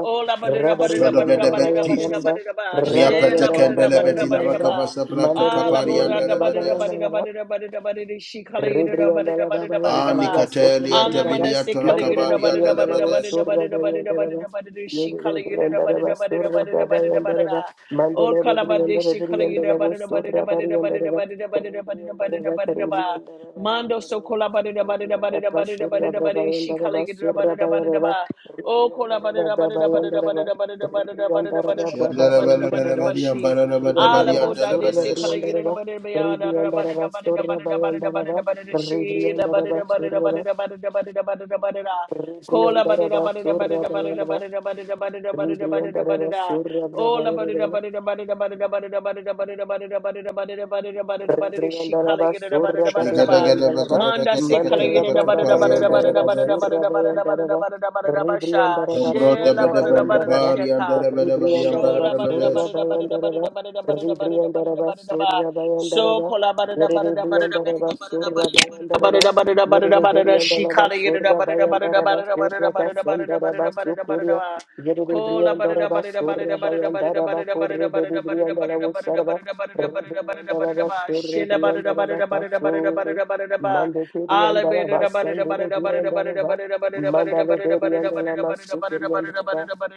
Oh, la ba da da ba da da ba da da ba da Zodobedebet da ba da da ba Jesus. da da ba. She Riapete la ba da da ba da da kendelebeti ba da da ba. labakavasa blata Ah, la kapari ba da da ba da da ba andelebedes. da da ba da da ba da da ba da da. She kala yi da da ba da da Rebriandala ba da Baba da ba da and da Dalaba ba. Aniketelia Ana Sotoriandala, manda devilia se kala yi Mandere da da torakabari ba da da ba da Briandala da ba was da andelebedes. da Sura ba da da ba da da ba da Briandala, da ba da da. She kala yi da da ba Rebriandala da da was ba da da Sura ba da da Baba ba da da and ba da da. Dalaba, Oh, Mandere kala ba da Briandala she kala yi da Briandala ba da was da ba da da Sura ba da da ba da da ba Briandala, da da ba da da ba da da ba da da Rebriandala ba da da ba da da ba. Rebriandala Mando so ribri kola bada da bada da bada da Rebriandala was bada da Sura bada da Baba bada and she kala Dalaba gida da bada Sura da bada da Baba, ba. ribri Oh kola bada Briandala, da Rebriandala bada Baba da bada and da bada Dalaba, da bada da bada da bada da Rebriandala bada Baba da bada da bada da and bada da Dalaba. ba Shendelebelebelebeli she. ambarelebedebali Ala Ribriandaraba, bo da de surra, se andelebedes. kala gida da briandaraba, bada da ba ya da da bada ribriandaraba, da bada da surra, bada da bada da bada bayandaraba, da bada da she la bada ribriandaraba, da bada da surra, bada da bada da bada da bada da bada da. Kola badada ribriandaraba, badada surra, badada badada bayandaraba, badada badada badada badada badada ribriandaraba, badada. surra, Ola badada brabayandaraba, badada badada badada badada badada badada badada badada badada badada badada badada. She Rebriandala kala yada da basura badada da de badada ba. briandala ba. Manda se kala Mandala yada da brava badada Shegedegedebegedebegedekatelebekapari badada bayandala badada badada andelebedes. basura badada bayandala badada ba. badada badada badada basha. Rebriandala She Zombro la basura badada bayandala badada ba. debedebendebari sheka. andelebedebali Rebriandala Shola badada ambarelebedes. basura badada badada bayandala ba. badada badada badada badada Rebriandala badada badada ba. basura bayandala ba. Yere briandala basura bayandala ba. Yere briandala basura bayandala ba. Surra basandala basukuria. Yere briandala basura bayandala ba. Kurre de briandala usarba. Mandala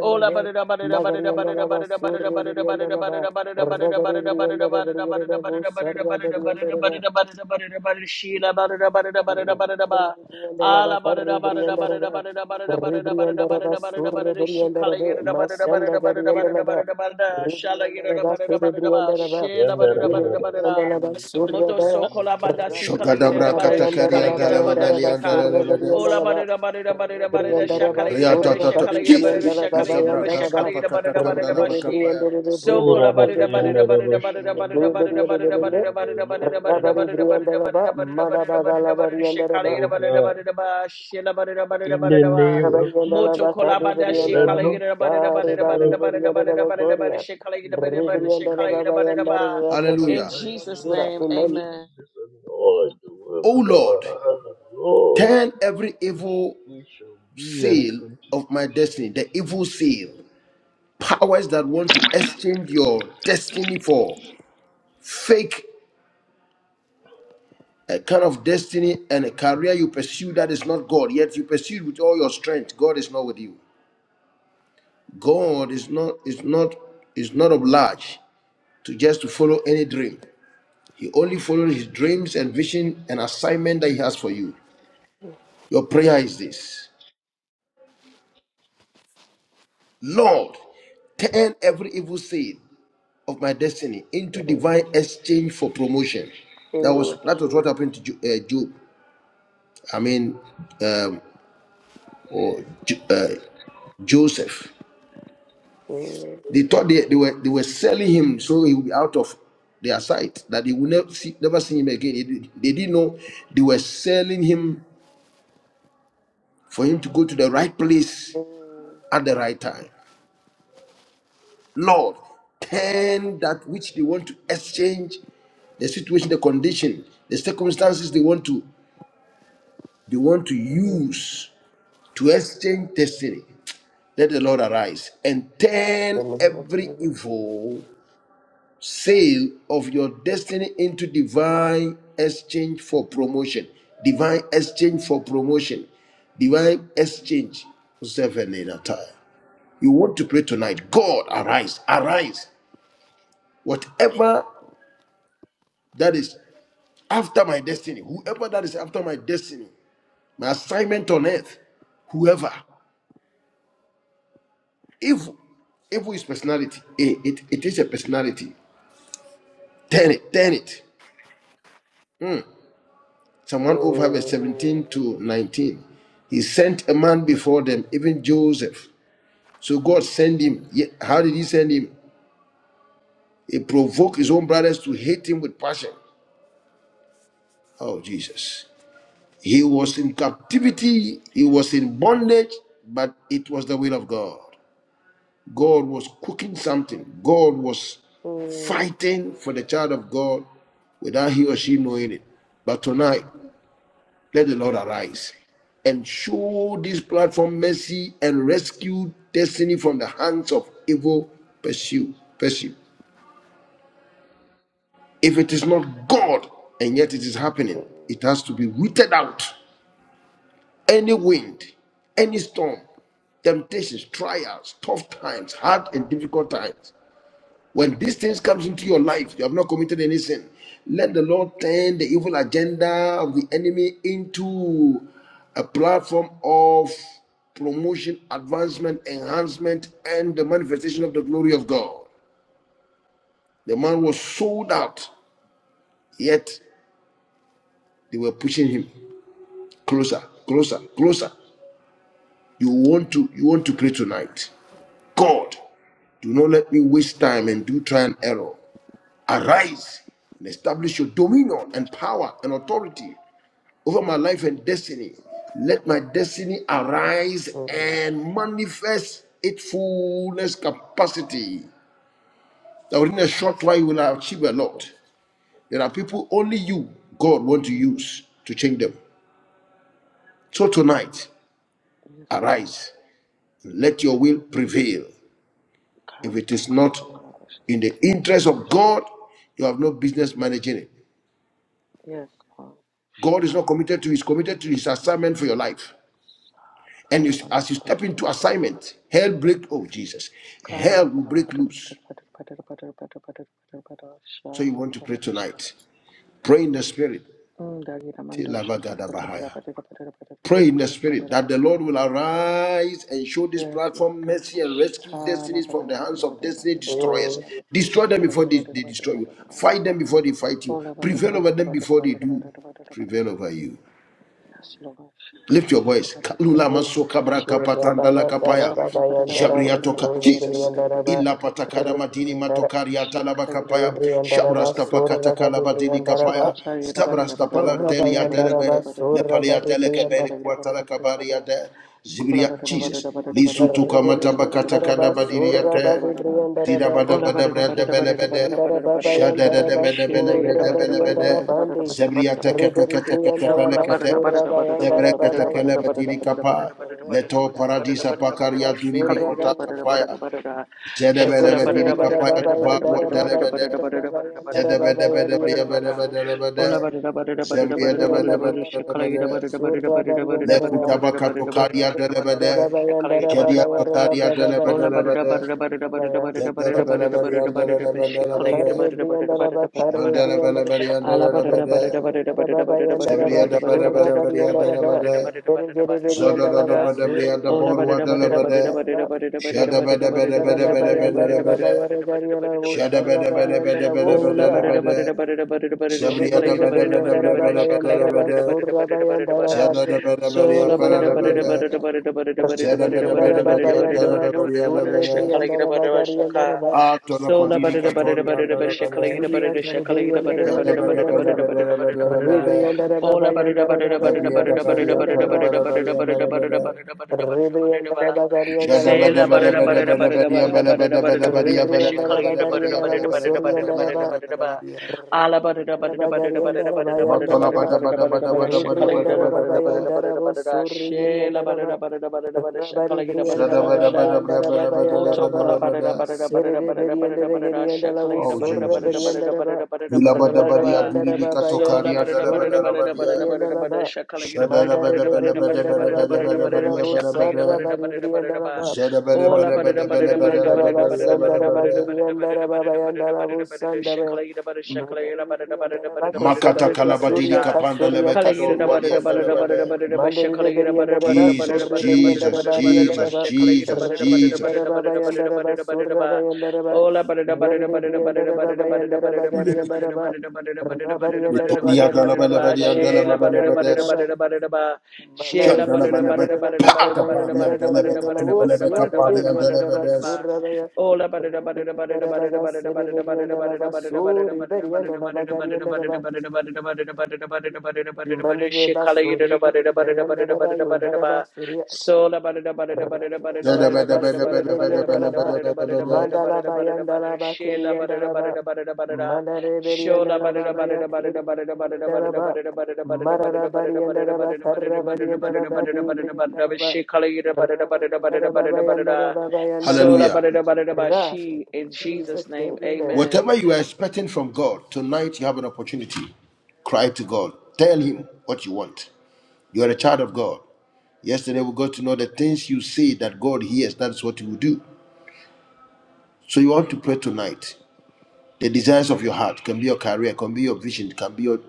Moto Rebriandara Yandara bara bara bara. Kuyu kuturu so boshi kola yandere bada si baku kala yida Shogadabra da yatandara bada shi bara katakeri kala yida bara. bada andelebebeli shi ka. Yandere andelebedes. baku. Ola barada barada barada barada Yandere shakala baku yida barada yandere Riatatata. shakala boshi yida barada yandere Jesus. shakala baku yida barada shakala yandere yida bara. barada barada bashi. Isabrakastapatakandalabakapaya. So Ura kola baka barada barada yandara barada boshi barada barada yandere barada boshi barada yandere bara. barada barada Lord, barada I know barada the Rabari barada barada barada barada work Briandalaba, of my barada Madabagala barada hands. barada shakala Bariandalaba, Oh yida barada God, barada bashi la barada barada in barada the ba. name of Rabari Moto Andalaba, kola Sadi Jesus, barada Lord, I shakala know Briandalabo, yida barada the Sari barada Bari barada work of barada barada Briandalabo, my barada barada Korea, shakala in yida the barada barada shortest shakala Ribriandalaba, yida possible barada Bayandalaba, ba. time. in the In Hallelujah. Briandalaba, mighty Jesus' Sura, name name, of Amen. amen. Jesus and all the work Oh of our Lord, hands, Lord. turn every We, sh- evil we shall be and seal continue, of my we shall destiny, the be evil useful seal, powers that want to exchange your destiny for fake a kind of destiny and a career you pursue that is not God, yet you pursue with all your strength. God is not with you. God is not is not is not obliged to just to follow any dream. Only follow his dreams and vision and assignment that he has for you. Your prayer is this Lord, turn every evil seed of my destiny into divine exchange for promotion. That Mm, was that was what happened to uh, Job. I mean, um, or uh, Joseph. mm, They thought they, they were they were selling him so he would be out of their sight that they would never see, never see him again. They, did- they didn't know they were selling him for him to go to the right place mm, mm. at the right time. Lord, turn that which they want to exchange, the situation, the condition, the circumstances they want to they want to use to exchange destiny. Let the Lord arise and turn The name of every Jesus. evil sale of your destiny into divine exchange for promotion. Divine exchange for promotion. Divine exchange. Seven in a time. You want to pray tonight. God, arise, arise. Whatever that is After my destiny, whoever that is after my destiny, my assignment on earth, whoever, evil, evil is personality. It, it, it is a personality. Turn it, turn it. Mm. Psalm 105, verse Mm, 17 to 19. He sent a man before them, even Joseph. So God sent him. Ye- How did he send him? He provoked his own brothers to hate him with passion. Oh, Jesus. He was in captivity, he was in bondage, but it was the will of God. God was cooking something. God was mm, fighting for the child of God without he or she knowing it. But tonight, let the Lord arise and show this platform mercy and rescue destiny from the hands of evil pursue. Pursue. If it is not God and yet it is happening, mm, it has to be rooted out. Any wind, any storm, temptations, trials, tough times, hard and difficult times. When these things comes into your life, you have not committed any sin. Let the Lord turn the evil agenda of the enemy into a platform of promotion, advancement, enhancement, and the manifestation of the glory of God. The man was sold out, yet they were pushing him closer, closer, closer. You want to, you want to pray tonight. God, do not let me waste time and do try and error. Arise and establish your dominion and power and authority over my life and destiny. Let my destiny arise and manifest its fullness capacity. Now, in a short while, you will achieve a lot. There are people only you, God, want to use to change them. So tonight, Yes, Lord. arise. Let your will prevail. If it is not in the interest of God, you have no business managing it. Yes, God. Yes, God is not committed to, He's committed to His assignment for your life. And you, as you step into Lord assignment, hell break. Oh Jesus, hell will break loose. So you want to pray tonight. Pray in the spirit. Pray in the spirit that the Lord will arise and show this platform mercy and rescue destinies from the hands of destiny destroyers. mm. Destroy them before they, they destroy you. Fight them before they fight you. Prevail over them before they do. Prevail gosh. over you. Sloga, shakala Lift your mana, voice. mana Kalula mana maso mana mana, she braka patanda Rabari la kapaya. Andalaba, shakla parida, parida Jabria Bayandalaba, parida toka. parida Sura, parida Jesus. parida parida Illa parida parida patakada parida madini parida Briandalaba, parida, matokari she atalaba kala gida, kapaya. parida parida parida Rebriandaraba, Shabrasta parida parida pakata parida Soraka parida de kalabadini Briandaraba, kapaya. Zabrasta palateli parida parida adelebe. Rabayandaraba, parida, Lepali Soraka de she adelekebeli kala gida, Briandaraba, kwatala parida parida kabari parida. ade. Ola Zibria. barada Jesus. barada barada Lisu barada tuka barada barada barada matabakata barada Rebriandaraba, barada kadabadiri Soraba barada barada ate. de barada. Dida bada Briandarabandi, Ola bada barada brada barada bele barada bede. barada barada Rebriandaraba, barada Shada barada da da barada. Bayandaraba, bede Shela bele yada bede barada bele barada bede. barada barada Sorabayandarabandi, barada Zebriya barada barada. teke teke teke tepele Sokla Rebriandaraba, kete. barada barada barada barada Sorabayandaraba, barada Zebrekete barada kelebe barada Bayandaraba. diri kapa. barada barada barada Leto Rebriandaraba, barada barada barada paradisa barada barada. pakaria Gariandaraba, duri Shkala yada bikota barada Soragariandaraba, barada kapaya. barada. Shokola Zedebelebe diri barada barada Rebriandaraba, kapaya de barada barada barua barada Bayandaraba, barada delebede. barada Bayandaraba, barada barada barada Bayandaraba, barada barada Zedebedebede barada barada. Bayandaraba, briyebedebedebede. Ola bara bara bara bara bara bara Rabariandara bara Baba bara and shakala Zebriyedebedebedebede. gira bara bara bara bara bara bara bara Lekutabaka bara bara bara bara tokaria bara bara delebede. shakala the gira bara Jedia bara bara tokaria Ola bara bara delebedebede. bara bara bara bara bara bara bara bara bara shakala Zedelebelebelebelebelebelebede. gira bara bara bara bara bara bara Ala bara Shandelebelebelebelebelebede. bara bara bara bara bara bara bara bara bara bara Zebriyedebedebedebelebede. Zada bara bara da da ba bara da bria da Ola bor bara wa da bara bara la ba bara da. bara bara bara bara bara Shada ba da ba da ba da Baba ba da bara bara bara ba da la Yandara ba Baba da. bara Yaragariana Shada ba Wusara da bara ba bara da ba da Bariandara ba da Oh, ba la da ba la ba da Wusia da ba da da. da ba da da ba da da ba da da Zabria da shakala da ba ba da da da ba ba da da da Rebriandara bria ba ba da da da ba Bagari and da shakala la da ba ba Arabo da da ba da. da da ba da da ba da da ba da. Zada da ba da ba So ria la pa ba da la da la ba ba da da ba da. da da ba da da ba da da ba da da, Zada ba ba da ba da da da ba ba da da ba da, da ria ba da da da ba la da la da ba ria Ola barada barada la barada ba barada da shakalada barada da ba da. da barada ba da barada barada sola da shaka. A to la So la ba kodiri da barada barada katoria barada da ba da barada barada barada barada shakalada da shaka sola da da ba la ba barada da. Ola Zada ba da ba da ba da la ba da la ba da. Zabria da ba ria pa la ba la Sori ba ria ba la ba da. Oh and Araba Moto kola barada Rabarianda barada Rabagarianda barada barada barada Rabayanda Raba barada shakala Ribrianda barada barada barada Rababayanda barada Rabo Suri Girianda Raba Rabari Brianda Rababayanda Rababayanda Raba Siri de Berianda Girianda Lavo Sura Jesus. Berianda Raba Rabarianda Rababayanda Suri Girianda Raba Mandare de Beriandala Bagariandala Sarra Bari Briandala Ola barada Mandegiri barada barada barada Beriandala barada barada barada Sandara barada barada Bagariandala barada barada barada barada Babayandala shakalayida barada shakalayida barada Mandaririya barada daraba barada barada Makata kusarri barada barada kalabadiri kesuria sha kapanda kasuria lebekador kalayida kasiria barada walianda barada kasuria. barada lebede. barada barada Mandarire shakalayida beria barada daraba barada Jesus, surri barada beria barada barada Jesus, barada daraba ria barada Jesus, barada daraba. shakalayida Jesus, barada barada Rabaria Jesus. barada daraba barada bayan barada daraba barada barada surra ba bayan daraba. Ola barada barada Yarire barada barada daraba barada bayan barada daraba barada garia barada barada daraba. barada barada barada barada Rabaria barada daraba Metoria barada garia barada ba daraba dalabalabadi bayan Shela barada barada andalabalabadas. daraba barada barada ba Mandere Shandalabalabad. Pakapari andelebekatundelebekapari andelebedes. basuri, Rabariandala Bagasini Biriandalaba, Zedebedebedebedebedebedebedebedebed. Mandala Bayandalaba Kiriandalaba, Mandare Shola Biriandalaba barada barada barada Bayakiri barada barada barada Biriandalaba, barada barada Marara barada barada barada Bariandalaba barada barada barada Karabariandalaba barada barada barada barada barada Dibriandalaba, she kalagira barada barada barada Rabariandalaba barada barada Bayandaraba Bayandaraba, sola Hallelujah. barada barada Rash, bashi In Jesus, Jesus' name, holy name. amen. Whatever you are expecting from God, tonight you have an opportunity. Cry to God. Tell Him what you want. You are a child of God. Yesterday we got to know the things you say that God hears. That's what He will do. So you want to pray tonight. the desires of your heart can be your career can be your vision can be your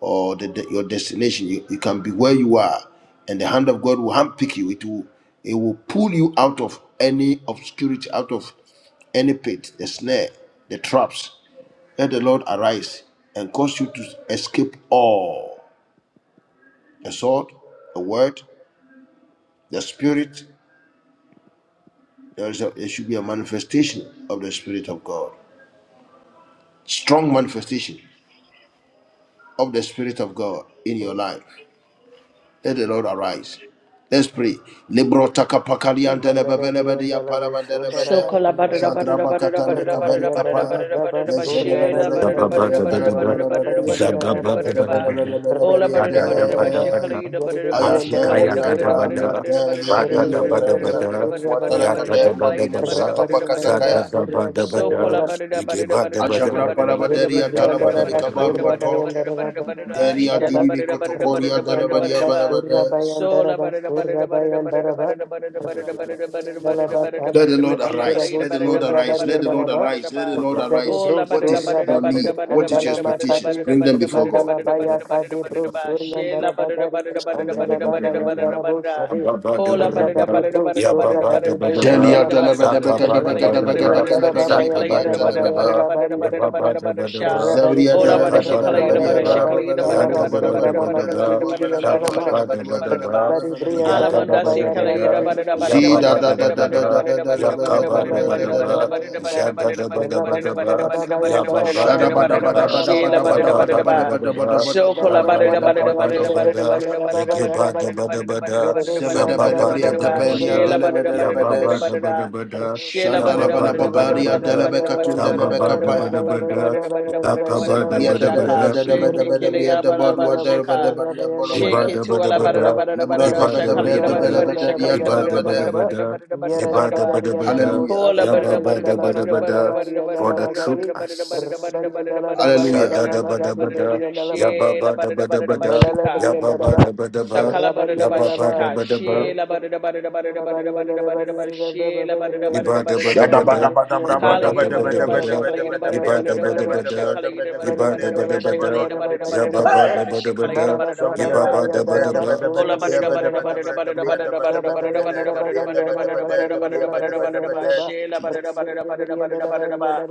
or the, the- your destination you, you can be where you are and the hand of god will handpick you it will it will pull you out of any obscurity out of any pit the snare the traps let the lord arise and cause you to escape all a sword a word the spirit there, is a, there should be a manifestation of the spirit of god strong manifestation of the spirit of god in your life Let the Lord arise. Let's pray. Libro takapakalian Manada telebebelebedia Briandalabo So Sundaraba parabandelebede. kola badada Yandaraba, badada Shagraba badada katane badada kaveri badada badada kapaya. badada Rabariandalaba badada ba shela Lezedebedele Zagada badada Surabariandalaba. badada kadebede badada badada badada Rabari kadebelebede. and badada badada Arababa, badada ba ola Zedebelebelebedia badada Rabari and badada ba Araba, shekala de. ida badada badada Yeribri and shekala Arabo, ida Ayateria badada badada palia Surabaki, badada badada teria duria Yeribri badada badada and badada teria Araba, badada duru badada Surabay badada kuatara and badada Araba, kaderwa shekala ida limu badada badada Rabari and badada Araba, satapakatakaya. ba so kola Surabay badada badada badada badada Ajabra badada parabaderia badada badada talabaderi badada badada badada kabaruato. badada badada badada badada Teria shela dirimi badada badada kotokoria badada badada delebadia badada ba balabade. Sola barada barada barada barada barada barada barada barada barada barada barada Let the barada Lord barada shakala arise. ida Let the barada Lord barada arise. Let barada the Lord barada barada arise. Let the ba Lord arise. ola What barada is barada your barada need? barada What is your barada expectations? barada barada Bring them before barada barada God. Mandala barada baya barada barada kade bro barada ba suri andara shela barada bagari barada bri Yabba barada andala barada baba barada barada yandara bo barada sade kola barada ragade barada bro barada sura barada barada gade ba bri shakala Delia andala ida ma barada dalaba daba barada gadaba shakala ida rabari gadaba bri barada gada barada andara barada kalaba baba shakala daliba yandara ida baba barada barada yarada bari barada barada yarada barada barada sha Rabari Zabria Allahabad, Brianda dalaba daba shekala, laba Rabaya Yerabad, dia shekala, dalaba Rabaya Yerabad, balaba dua Yerabad, Yerabad, balaba Kalabasunda dua Lamadi Yerabad, balaba dua Bibi and Yerabad, Yerabad, Dalama. Yerabad, Yerabad, Rabari Yerabad, Brianda Rabaya Yerabad, Ragadi Yerabad, Brianda Yerabad, da Rabba. da Yerabad, da da Yerabad, da da da da Rabari Yerabad, da shekala, da Brianda da Yerabad, da da Rabaya da and da Rabaya Yerabad, Rabba. Yerabad, Yerabad, Yerabad, Yerabad, Yerabad, Rabari and Rabaya and Shada Rabaya ba and da ba da Rababa Yerabad, Yerabad, Yerabad, Yerabad, ba da ba da shekala, ba Baba da Yerabad, ba Baba. da ba da ba Rabari and Yerabad, Yerabad, Rababa and Yerabad, Yerabad, Yerabad, Rabaya Igeba da Rabaya ba da ba da, Yerabad, Yerabad, Yerabad, Yerada bagari and the Yerabad, shekala, Yerabad, Yerabad, Yerabad, Yerabad, Yerabad, Yerabad, Yerabad, Yerabad, Yerabad, Yerabad, shekala, Yerabad, Yerabad, Yerabad, zaba Yerabad, Yerabad, ba da Zebedebedebria Rabari and ba da ba tepelia da, Yerabad, ya Yerabad, ba Yerabad, ba Yerabad, da delebedelebedes. ba Yerabad, da ba da, Shela ya bada ba da ba bada da da ba bada da da ba Shandalabalababaria bada da da, bada da bada zaba da delebekatundalebe bada ba da da bada ba da da kapaya. ba da, bada da bada da bada da bada da bada da zaka bada da ba da Zebria bada ba da ba shaka da, shake kele dededededebedebria ya bada debodwa bada shaka delebedebria iba shake da borobede. ba tu da ala ba bada da da, bada da bada Lebro da iba da shaka ba la da gida ba bada da da, bada shaka la debelebederia gida iba bada da da ba bada da da tolebede. ba bada da da, bada da bada da bada iba da da ba ba da ba da, Hallelujah. kola ya bada ba da ba bada da da ba bada da da ba bada da da, bada da bada da for the bada truth da bada da us. bada da bada da Dala bada da Baba bada da Sha and da Hallelujah. Dala bada da da ba bada da bada da bada da da ba Magadi bada da da, Baby bada and ya Dala ba shela ba da bada da ba da bada da ba da, Mala bashika ya ba bariyanda ba lava, da ba da ba, ra Sakala bara da ya ba bariyanda ba shi ba da lava, ka ba da she riri ba. la bara da bara da bara bariyanda da lava, bara da bara bariyanda lava, bara bara riri lava, she baba la bara riri da lava. bara da bara bara Ibadabadabada, ba Shadabadabadabra kala gira bara da ibabadabadabada, kala gira bara da badabadabadabadabadabadabria bara da bara da ibadabadabada, debedebedebria kala gira bara da bara debedebedebria da bara she ibadabadabada, kala gira bara da debedebedebria bara da bara bara she kala yababadabadabada, gira bara da bara da Zabria da ba bada bada da ibabadabadaba. bada Ola bada ba da bria da ba bada da da ba bada da da ba bada da da ba bria da da da ba bada da da ba bada da bada da ba da da da bria ba da da da bada ba bada da da da ba da bria da ba da bada da ba da da ba da da ba da bada da ba. bada. Shela ba da da Jesus. ba da da ba da da ba da da ba da da ba.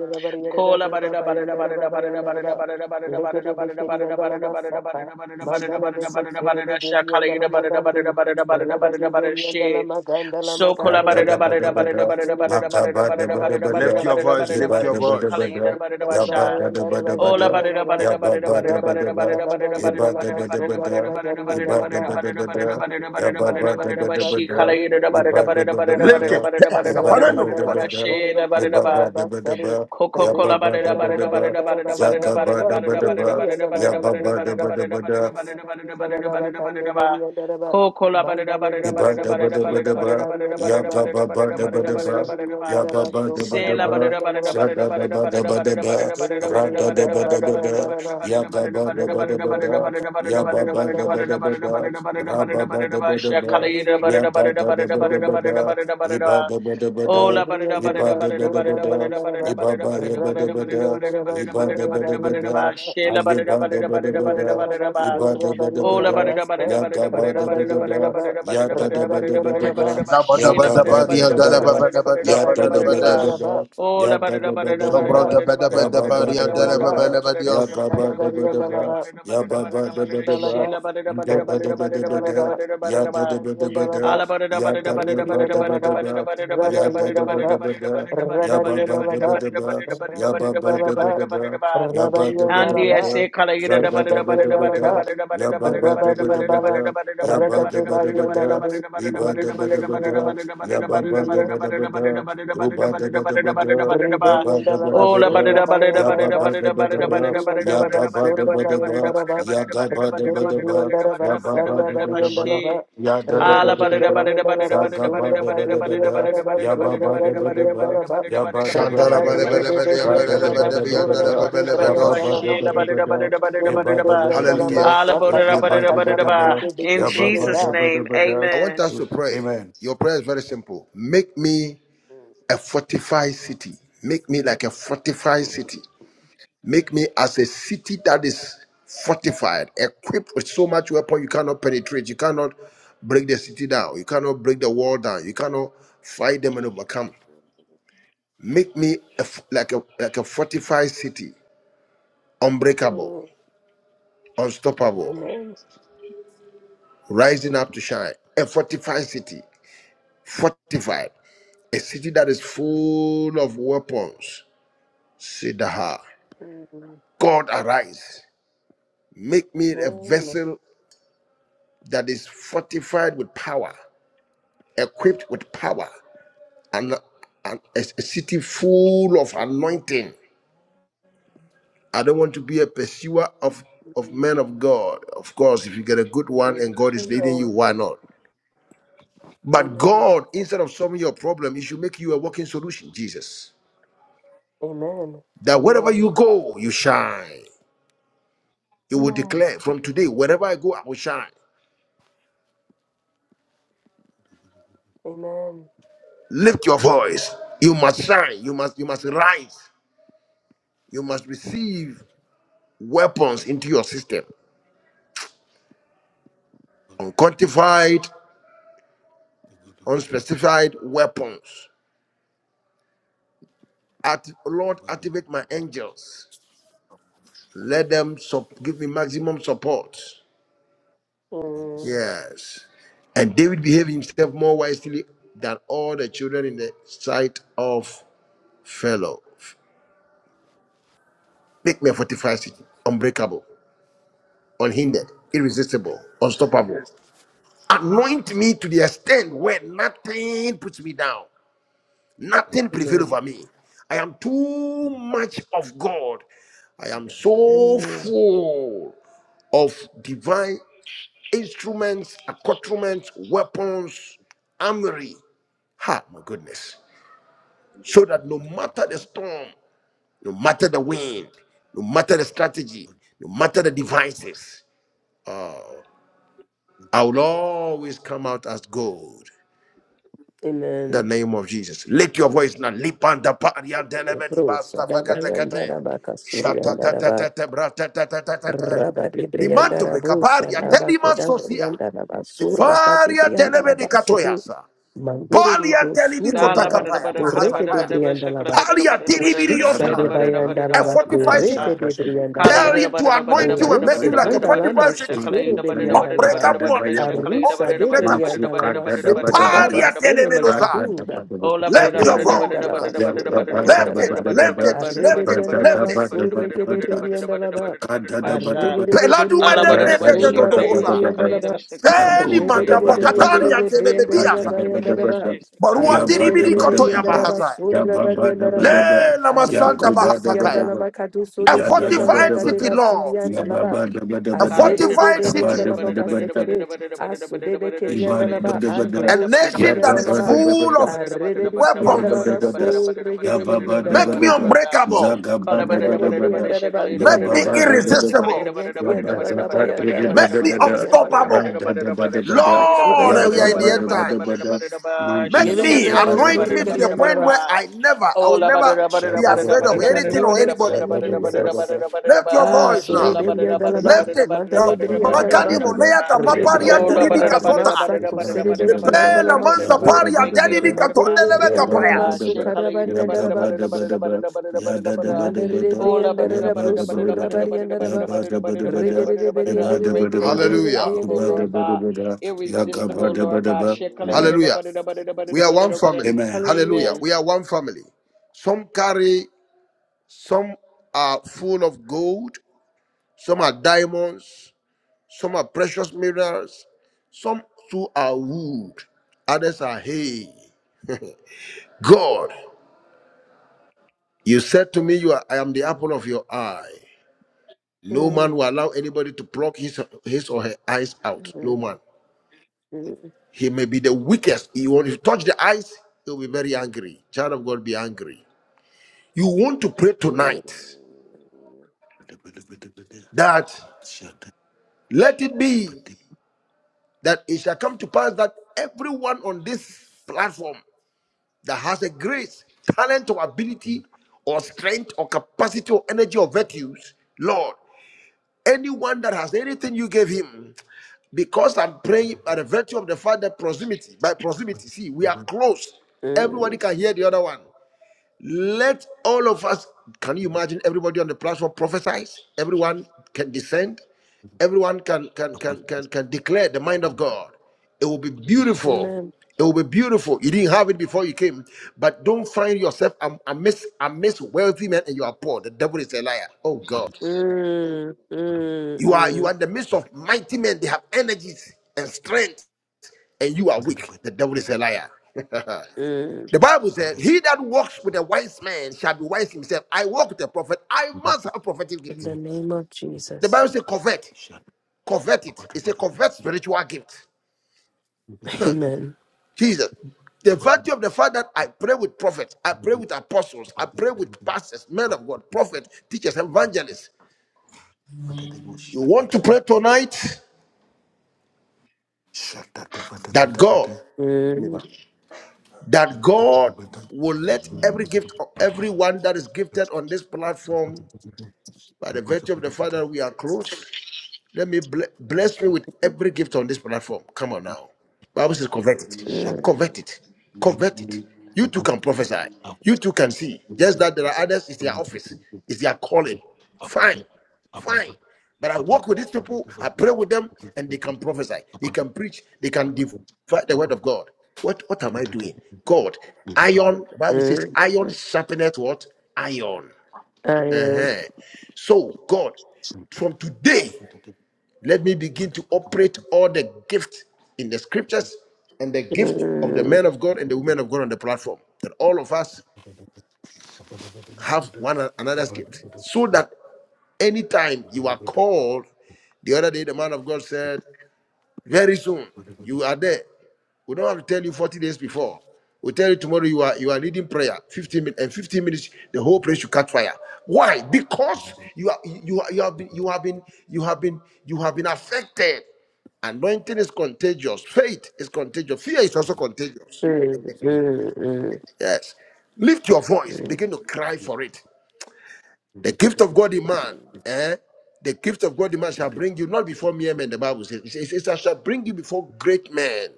Kola ba da da ba da da ba da da ba da da ba da da ba da da ba da da ba da da ba da da ba da da ba da da ba da da ba da da ba da da ba da da ba Mandala da da de ba da da ba Kesiri da de da. Gandhi and Shakala Dalla yada ba da da ba da da Magandi, ba Ragadi Beri and Dalla She. Magandala So Da kola ba da da Magandi, da da ba ba da da da ba ba da da da, ba da ma ga ba da ba da ba da, Lift your voice, ge lift ba your da ba She da voice. kala ba da, yada ba ba ya ba sha. da da ba da ba Oh, da, ya ba ba da ba da ba, ge ba da ba da ba da, ge ba da ba da ba da, ya ba ba da ba da ba da, ge ba da ba da ba Lift it. da, Yes, ge ba apana da no ba da ba kwata. da, ge ba ba da ba da ba, ya ba Coca-Cola, ba da ba da ba, za ga ba da ba da ba, ya ba ba da ba da ba da, Rabariandala Baba Kande Beriandala Mandala Iba da Briandala ba da Basu ba da ba, Parabariandala ya ba Baba ba ba da ba da Mandala ba, ya ba Briandaraba, ba so da ba da Calabari ba, and Daraba, sha da da ba da ba da ba, Vere de ra da da ba Briandaraba da by ba da, Andaraba, ya ga ba da Yere ba da ba da, ya Briandaraba, by ba ba da Andaraba, ba da ba da, ra ba ba da ba da ba, Rabari ya ga ba Briandaraba, da ba da ba da, Surabayandaraba, iba da ba da ba Oh, rabari, da, la ba da da ba da iba da Briandaraba, ba da da ba da da ba da ba da ba da da, da ba da da Surabariandalaba, ba iba da da ba ba da ya da ba da rabari, ba ba da da da, ba da da ba da da ba iba da da da ba ba da da da ba ba da da ba da da, da ba she la ba aye da da ba ba da da da ba da ba da, Briandalaba, ba da da ba da da ba da iba da ba da ba da oh ba la ba da, da da ba da Surabariandalaba, da ya ba da da ga ba da da ba da ba da ba da da ba da da ba da da ba da da da ba da ba. Rabariandalaba, Ya ba da da da ba da da ba da da ba ba da da ba, Rabariandalaba, da ba Na ba da ya she ba la ba da ga da ba ba ri da an ba da da la ba ba, ba da ba da da ba da da ba da da ba da da la ba ya ya ba ba da la da da ba la da da ba da ba da ba ba das. da, oh ya la ba da da da da ba ba da da da ba ba da da Zombro ba da da, da da ba ba da da ba ya da ba da da ba ba ba ri da an da da ba ba da la da da ba da da ba ba da da ba Rabariandalaba, da ba ba, da la ba ba da da ya ba da dios. da ga ba da ba da ba da da ba da ba da da da ba da da ba, ba da rabari, ya ba ba da ba da da ba da and da she ba, the la ba da da ba da da da ba da da da da ba ba da da da ba ba da da da, Rabariandalaba, ba da da ba da ya da da da ba ba da ba Rabariandalaba, and da, the ya da da ba da ba Ribriandalaba, da ba, ya da da ba Rabariandalaba, da ba da, ya ba ba da Rabariandalaba, ba da ba, ya ba ba da ba Rabariandalaba, da ba, ya ba da ba da ba Rabariandalaba, da, za da da ba da ba Rabariandalaba, da, ya ba ba da ba da ba Rabariandala, da. Yabba Rakate dabba dabba da, Bariandalabe, Liba dabba dabba Ribriandalaba, da, Yabba ba Ribria, dabba dabba da, Ruba dabba dabba da, Iba dabba Rebriandaraba dabba da, surra Yabba bayandaraba. ba dabba dabba, Rebriandaraba Yaga ba surra dabba dabba, bayandaraba. Yaga ba dabba Regade dabba, briandaraba Yabba ba sarra dabba dabba, Oh, bariandaraba. Yada in dabba Regade dabba da, bariandaraba Zaga ba surra dabba badi dabba da, briandaraba Yabba surra ba gadi dabba dabba, briandaraba. Yabba dabba Shanda la dabba ba la Rabade ba da, la gede ba di an ba la Rada la ba dabba bariandaraba da bi dabba an da surra la ba dabba, gadi la ba Yabba ba dabba briandalamande. dabba da, Regade Yabba dabba dabba bariandarama da, Hallelujah. sapa Yabba sapa dabba sapa dabba. kete Yeah, kete ba- kete ba- Jesus' da- da. ba- da- name, ba- da. I amen. want us to Mm. pray. Amen. Your prayer is very simple. Make me a fortified city. Make me like a fortified city. Make me as a city that is fortified, equipped with so much weapon you cannot, cannot break the city down. You can't you cannot fight them and overcome. Me a f- like a like a fortified city, unbreakable, Mm, unstoppable, Amen. rising up to shine. A fortified city, fortified, a city that is full of weapons. Sidaha. Mm, God arise. Make me a Amen. vessel that is fortified with power, equipped with power, and, and a, a city full of anointing. I don't want to be a pursuer of, of Mm, men of mm. God. Of course, if you get a good one Amen. and God Amen. is leading you, why not? But God, instead of solving your problem, He should make you a working solution, Jesus. Amen. That wherever Amen. you go, you shine. You will Amen. declare from today, wherever I go, I will shine. Amen. Lift your voice. You must shine. You must you must rise. You must receive weapons into your system. unquantified, unspecified weapons. At Lord, activate my angels. Let them sup- give me maximum support. Amen. Yes. And David behaved himself more wisely than all the children in the sight of fellow. Make me a fortified city, unbreakable, unhindered, irresistible, unstoppable. Anoint me to the extent where nothing puts me down. Nothing Mm. prevail Amen. over me. I am too much of God. I am so Mm. full of divine instruments, accoutrements, weapons, armory. Ha, my goodness. So that no matter the storm, no matter the wind, no matter the strategy, no matter the devices, uh, I will always come out as gold. In the Amen. name of Jesus. Lift your voice now. Lipanda paria delebedi Ebrosa basta daba fagatakate. yandara baka suri yandara ba Shatatatatata bratatatatata. raba libri Limanto yandara bosa vekabaria daba teliman kedaba sosia. yandara ba sura kati Sifaria yandara delebedi ba suri katoyasa. mandiri de Balia bro delibi suri Sala yandara bara da ba kotakapaya. bara kada Pahaza koreke bara de paya. bri bara bara yandara shakala ba bara da Palia bara da bara Shada shakala urusa da diribiliosa. ida de ba da bara da ba. bara da bayandara A bara ba da bara da fortified city. korebe Shada sa de da ba kala Tell bri ida da him to bara da bara da anoint Rada you bara and da da make ba bara Orose you da da like ba bara a da. da bara kandalama fortified da city. shakala sotoro ida Mansuka bara da ya bara da ka bara beriandalaba. da da da Unbreakable, bara ba da ya ba unlimited, shakala ba. ida Arusa bara da de bara da unpenetratable. bara da Mansuka bara da beriandalama da bara da da The ba bara da suta da ba bara da. dama paria da bara sele da bara Rada telemenosai. da mekiduda. ba da ba da Lift ba your ya da. Arreberianda voice la now. Ya ka basura, ba da bayanda Lift da la ba it, ba. da ba lift da. it, lift it, Arreberianda Rada la da lift it. ba da ba basura, da que ba de da. berianda ba. Kada da ba da ba Arreberi de Peladuma berianda Ya debre da de da de de ba basura, de da bari ba da hosa. ba brianda da. la ba. Ya go Seli da Arreberi da manda de ba da ba berianda pakatari da. de ante brianda de la lebediasa. bayanda la ba. Barua Ya da Arreberi da diribiri de ba da koto ba ya berianda da. bahasa. Ya basura, ba barianda da ba da ba da. Ya ba ba da la ba Le da ba. ba. Ya lamasanda masanda Arriba go de ba da ba sianda da bahatakaya. la ba. macadu A solo Ya da da sianda la ba fortified da ba macade city, da. Lord. Ya ba ba. ba da ba da A ba Kala da. Adebe yada yada de fortified Ya yada ba yada berianda city. yada da la ba da ba moca ba da. da sekebe. Asu debe kirianda shakala la yada ba. ba A Ibadabadabada, Andebo da da ba nation da da that ba sikirianda da la is da ba ba. da full yagabadabadaba, da of ba da da ba da da ba da da Arrebedisi ba da da ba and weapons. Alama, da da ba da da ba da da ba da da ba da da so ba da da ba da regedebedi da and ba da Make Alaba, me da ba da da. unbreakable. Kala ba da da da ba da da da Madadebri ba and da da shakala yada ba da Make Arabandone da me and ba kala Alaba, kala shakala yababadabadaba, irresistible. yada ba da da ba Resi da and da ba da da Alaba ba by da and da ba Alaba, da da Make ba me da da ba yabazakatibadabada, Suribri da da and ba da Alaba, da unstoppable. ba da da ba da da ba da da ba da shakala radadabadabada, yada ba da Lord, da Ubaya ba and da we da are in ba the da da Alaba, end ba da da time. ba da da yagabadabadabada, ba da da ba Make Shala ba and da me, da ba Alaba, da da manduzikedadada, ba anoint da me da ba to da the Surigari da and ba da point Alaba, where da. I never, I Oh, will la, Ola never barada be barada barada afraid of in barada the shadadadadadada, barada anything or name of barada anybody. barada barada barada Jesus. yadadadadadada, barada barada Lift your Ah, ba voice sorry, now. shala Amen. baby, Amen. and barada barada alaba, Lift barada it. barada Na Da- mandarebri and ba- barada barada da- makani alaba, ba- barada moneya barada ta rebri maparia and Ola turibi barada alaba, kasota. barada barada masako barada serebe barada barada Lepe la barada kiandalama barada manza suge, barada paria make me a denibi katonde fortified lebe mandarebri city and Lord kapaya. alaba, God shekala yida sukarabari and barada Araba, barada barada barada barada barada barada Mandere Ola briandere barada da barada barada brosura barada barada bariandere barada ba. barada barada barada Regere barada barada briandere unbreakable briandere unstoppable briandere. Lord God irresistible Lord God shekala Hallelujah. yida Hallelujah. barada barada We barada are one barada barada family. Hallelujah. Hallelujah. Amen. We are one family. Some carry, some are full of gold, some are diamonds, Some are precious minerals. Some too are wood. Others are hay. God, you said to me, you are, I am the apple of your eye. No Mm, man will allow anybody to pluck his, his or her eyes out. mm, No man. mm, He may be the weakest. He won't, if you touch the eyes, he'll be very angry. Child of God, be angry. You want to pray mm, tonight da- ba- da. that Shaka- let it shaka- be dee. that it shall come to pass that everyone on this platform that has a grace, talent, or Da- ability, or strength, or capacity, or energy, or virtues, Lord, anyone that has anything you gave him, because I'm da- praying da- da- by the virtue of the Father, proximity, by proximity, see, we are da. close. Everybody mm. can hear the other one. Let all of us, can you imagine everybody on the platform prophesies? Everyone can descend. Everyone can can Da- da- can can can declare the mind of God. It will be da- da- da. beautiful. Amen. It will be beautiful. You didn't have it before you came, but don't find yourself am- amidst amidst wealthy men and you are poor. The devil is a liar. Oh Shut God, Mm, mm, you are you are mm, in the midst of mighty men. They have energies and strength, and you are weak. The devil is a liar. mm. The Bible said, He that walks with a wise man shall be wise himself. I walk with a prophet. I must have prophetic In gifts. the name of The Jesus. Bible says, covet. Covet it. It's a covet spiritual gift. Amen. Jesus. The virtue of the fact that I pray with prophets, I pray with apostles, I pray with pastors, men of God, prophets, teachers, evangelists. You want to pray tonight that God, Mm, that God will let every gift of everyone that is gifted on this platform by the virtue of the Father we are close. Let me ble- bless me with mm, every gift on this platform. Come on now. Bible says convert it. mm, Convert it. Convert it. You too can prophesy. You too can see. Just that there are others, it's their office, it's their calling. Fine. Fine. But I work with these people, I pray with them, and they up. can prophesy. Father, They can preach. They can divide the word of God. What what am I doing? God. Iron, the Bible says, iron mm. sharpeneth what? Iron. I am. Uh-huh. So, God, from today. Let me begin to operate all the gift in the scriptures and the gift of the Mm, men of God and the women of God on the platform. That all of us have one another's gift. So that anytime you are Kadubosha, called, the other day the man of God said, very soon, you are there. We don't have to tell you 40 days before. We tell you tomorrow you are you are leading prayer. 15 minutes and 15 minutes, the whole place should catch fire. Why? Because you are you are, you have been you have been you have been you have been affected. Anointing is contagious. Faith is contagious. Fear is also contagious. mm, mm, Yes. Lift your voice. Begin mm, to cry for it. The gift of God in man, eh? The gift of God in man shall bring you not before mere men. The Bible says it, says, it shall bring you before great men.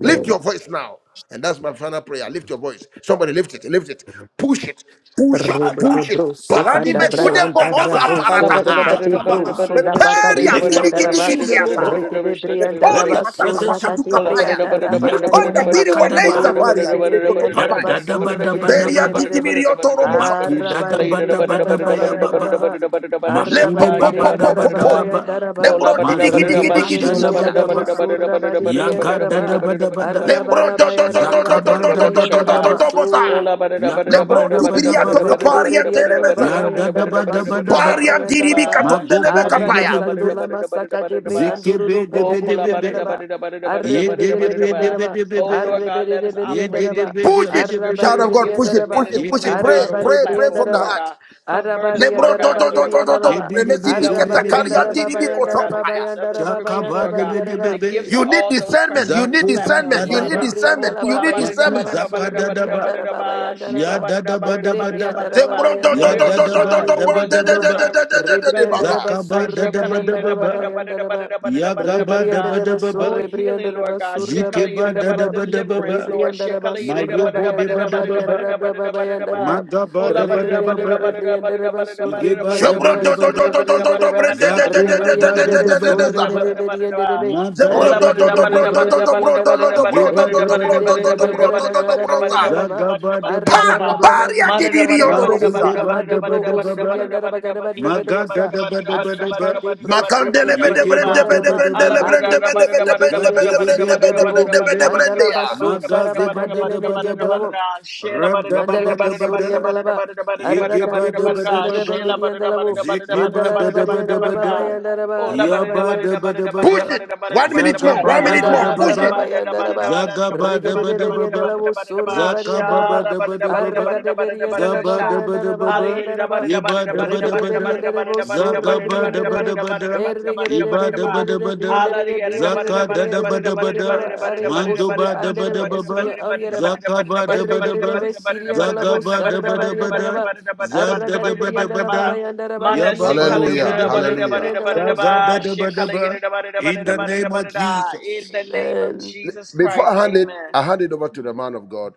mm. Lift your voice now. And that's my final prayer. Lift your voice. Somebody lift it, lift it. Push it, push it, push it. Rebebebroso Balani mekude cadabrayanda bohosa Dadaba, raboso parataha. Dabatuza, rakati Kabaha. broso da baka di de Meperia lift up your briandaraba. children, O bidigidigidiasa. Rike God. de Let Mepori briandaraba the presence Kalabada, Ola ba da da ba da of surakati matatamakatuka God, paya. da briandaraba The ba da da Yakoni panda ba da yandaraba. biri da ba da da ba da waleza da O ba Makadaba, da varia. rike da de Mene ba da da ba da kotoka da briandaraba paya. ba da da The surrike de ba da da peria Yadadaba, Iberia ba da da ba da briandarebe. da ba mirioto da da torobosa. ba. Makuda Araba da de Shekala da da bada bada ba da ba da ba da da briandaraba ya da ba ba da ba. bayandaraba. Le Araba Makure po de ba po po ba da po ba po briandaraba da po. Le bayandaraba. bro didi gidi Mazuge Rike de bada da bada ba didigidigidigidigidia. da briandaraba ba. surraba de Yaga da da briandaraba. bada bada ba da. Lembro do do do do do Zaka do ba do do da do da do ba do da do do Arabarabayarabakaraberiyandalaboso. bosa. Lebro da tu ba da ba biriato kaparia terebesa. Ya da bada bada Le ba paria diribi Regedeberiandalababayandarabatsukadabrayandalaba. katonde lebe Magobo di be de kapaya. be be. Arakasandula da ba masaka da da debre ba. Zeke andururu be de Oh, braka be de kola debre be ba da da ba andaraba. da ba Ye Arrebere de de debere be de be andaraba. de be Oh, Lord God, Arrebere let us debere Ye de operate de in the andaraba. be de gifts Push of be the it. de be scriptures, Child Arrabare the of bere God, gifts push of the it, men push andaraba. and the it, Ye push women ke it. of be. God Pray, on this Arrabare pray, bere pray platform, from the Lord andaraba. heart. God. Convert us, Arrabari Lord Lebro do God, andaraba do so do that geri do we will do do. Ke andaraba. de operate de and Lemezi be de flow in be the biketa de Arrabari be gifts karia of the andaraba diribi Spirit, Lord God, bayandaraba the kosopaya. gifts of the bayandaraba scriptures, Jakaba Lord bayandaraba God, debe debe yaraba. the gifts be. of You need all those discernment. present You on this need Zakura platform, discernment. You need Father. Yerede dadaba. Oh, discernment. briandala You kola baba need ba da da ba yandara Maku discernment. ba da da ba da zaka da surri ba da dadaba. briandara baba yandara Ya Shela ba. ba da da ba dadaba Yerede ba daba da. briandara baba Zembro do do Ya yandara do ba do Miracle do do dadaba surri signs do and daba do do wonders, briandara the daba do ba. do ba. do sermons, the do do do do prophetic, the Rebriandara baza. ba Zakaba insight. surra ba dadaba yandara daba ba. baba yandara ba. Ya gaba daba Rebriandara ba daba ba. Oh, surri healing, briandara Lord ba God. surra ba Shekala Zikeba yida yandara ba. dadaba daba ba. deliverance, Lord. Rebriandara ba Shekala yida surra ba Mayobo deba yandara ba daba ba. yandara ba baba yandara ba. Oh, Magaba daba daba ba. Rebriandara rebriandara ba surri Igeba briandara daba Shebron ba do daba do ba. do surri do do do briandara do ba. bren de de de de Zakura de de ba de Rebriandara de ba de daba de de daba surri sa. ba. briandara ba. Ma da Shela da Zebro ba do da do Erregede ba do da bro do begede do ba. do bro do bediandara do ba. do bro Asaka do Igeba do do daba bro do daba do do daba bro ba. do do do bro sa. Zagaba daba Pa! daba na ba. Baria di di di ono robo sa. Mazudeba daba daba ba. Magada daba daba daba. de bro son de Makandele ke bede de brende Yegeba bede daba briandalama, daba brendele ba. brende ade ke bede se bede de ke bende de bede besi brende bede andalabo, brende bede Zadidibidibidibidi. brende ya. andalabaso, sarabacandele Magazibadabadaba. mediandalabo, mandalaba Randadabadabada. soriandalaba, arata de bro sandana begidi Yigibadabadababa. andalabo, mandala rabari bariandalaba Zikibadabadabada. bayandaraba, Hallelujah. rabari. Push Yabadabadababa. it. One minute more. One minute more. Mandana Push braba it. Zagabadabadababa. bayandana ba regede de berianda Zagabadabadababa. la wosura barianda la ba arraga Zakababadabadababa. de berianda la ba bayandana ba Zabadabadababa. bayandana ba regede Yebadabadabada. berianda de wosura berianda de be Zagabadabadabada. erregede de berianda de Ibadabadabada. berianda de berianda de Zaka da da berianda ba de da ba berianda de da, are mando osuria ba da ba andere da be ba ba, esuria auriera ba zaka ba da ba da erregede de be ba, sirianda la zaga ba da wosura ba da ba barianda la da, ba zanda arraga da de ba da berianda ba la ba da, bayandana ba ya Manda ba se gadianda la ba kala da ba da da ba wosengede da be ba, da ba da Hallelujah. da gidianda ba la da da zaga da ba. wosanda da She ba da kala ba. da ba da da ba In da da the ba Amen. da da name ba of da da. Jesus. In the name of Amen. Jesus Before I Christ, hand it, amen. I hand it over to the man of God.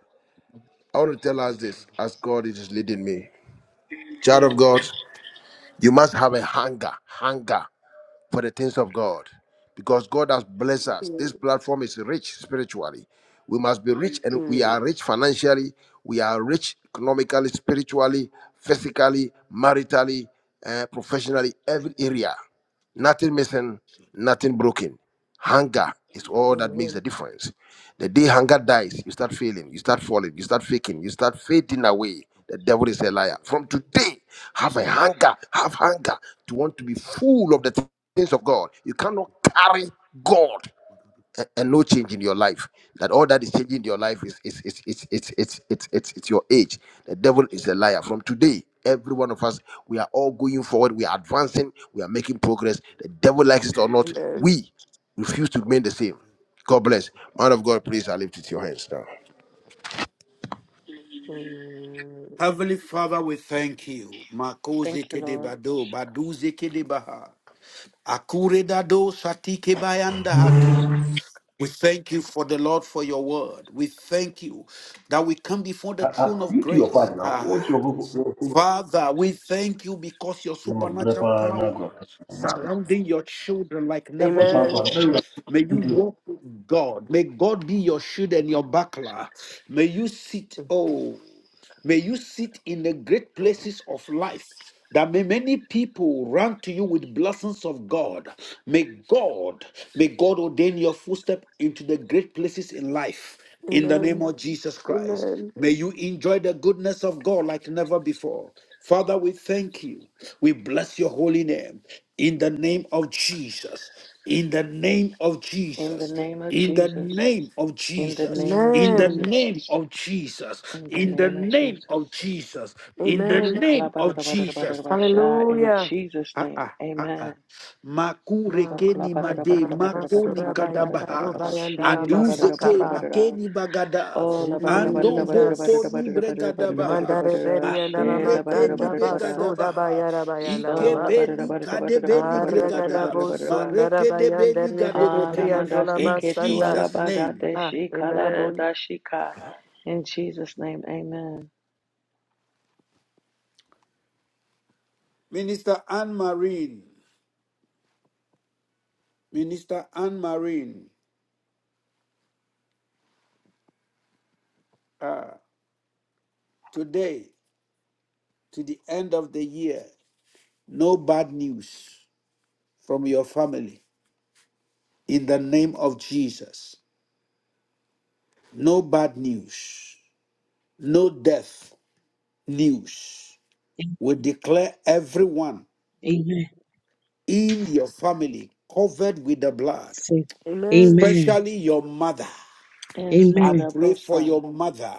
I want to tell us this as God is leading me. Child of God. Mm, You must have a hunger, hunger for the things of God because God has blessed us. This mm, platform is rich spiritually. We must be rich and we mm. are rich financially, we are rich economically, spiritually, physically, maritally, uh, professionally, every area. Nothing missing, nothing broken. Hunger is all that makes the Amen. difference. The day hunger dies, you start failing, you start falling, you start faking, you start fading away. The devil is a liar. From today, have a hunger, have hunger to want to be full of the things of God. You cannot carry God and no change in your life. That all that is changing in your life is is is it's it's it's it's it's it's your age. The devil is a liar. From today, every one of us, we are all going forward. We are advancing. We are making progress. The devil likes it or not, Amen. we refuse to remain the same. God bless. Man of God, please silence now. Mm. Heavenly Father, we thank you. Thank Makoze kede you. Lord. bado, baduze kede baha. Akure dado satike bayanda hatu. We thank you for the Lord for your word. We thank you that we come before Uh, the uh, throne of you do your grace. part now. What's Ah, your Father, we thank you because your supernatural power surrounding your children like never Amen. before. May you book? walk with God. May God be your shield and your buckler. May you sit, oh, May you sit in the great places of life. That may many people run to you with blessings of God. May God, may God ordain your footstep into the great places in life. In the name Amen. of Jesus Christ, Amen. may you enjoy the goodness of God like never before. Father, we thank you. We bless your holy name in the name of Jesus. In the name of In the Jesus. name of In the Jesus. name of In the Jesus. name of In the Amen. Jesus. name of Jesus. In the In the name of name Jesus. of Jesus. In the Yes, she Amen. kala name ba da of da ba da da ba da da Jesus. ba sha. In Hallelujah. Jesus' Ah name, ah ah ah. amen. So Ma- ma- kala Makurekeni ba da da ba da made da ma- ba da da ba da da makoni ba da da ba masurabaya da da ba da kadabaha da ba. kadobaya ndala She la ba da da ba da da aduzeke ba masakaba. da da. makeni bagada Oh, la ba da da ba da ando da ba da da ba da da Jesus. ba bokoni da da ba da da ba da da ba da da bregadabaha ba da Mandare da. beri andala She la ba da da ba akurekeni maganda da da ba da da. basuda begadabaha bayara bayandala So ba. la ba da da ikebeni ba da da ba da da ba da kadebeni da ba da da ba gregada da da ba da da Arrakadabo ba da da ba. sondara marekedebeni bayandere bebe gadobote Alamanda briandola se in ke tu masanda. Jesus alabada name de Ah, shi kala bo amen. ka. In Jesus' name, amen. Minister Anne Marine Minister Anne Marine ah, today to the end of the year no bad news from your family in the name of Jesus. No bad news, no death news. We declare everyone Amen. in your family covered with the blood, Say, Amen. Amen. especially your mother. In I Amen. Sanda pray for Bosa, your mother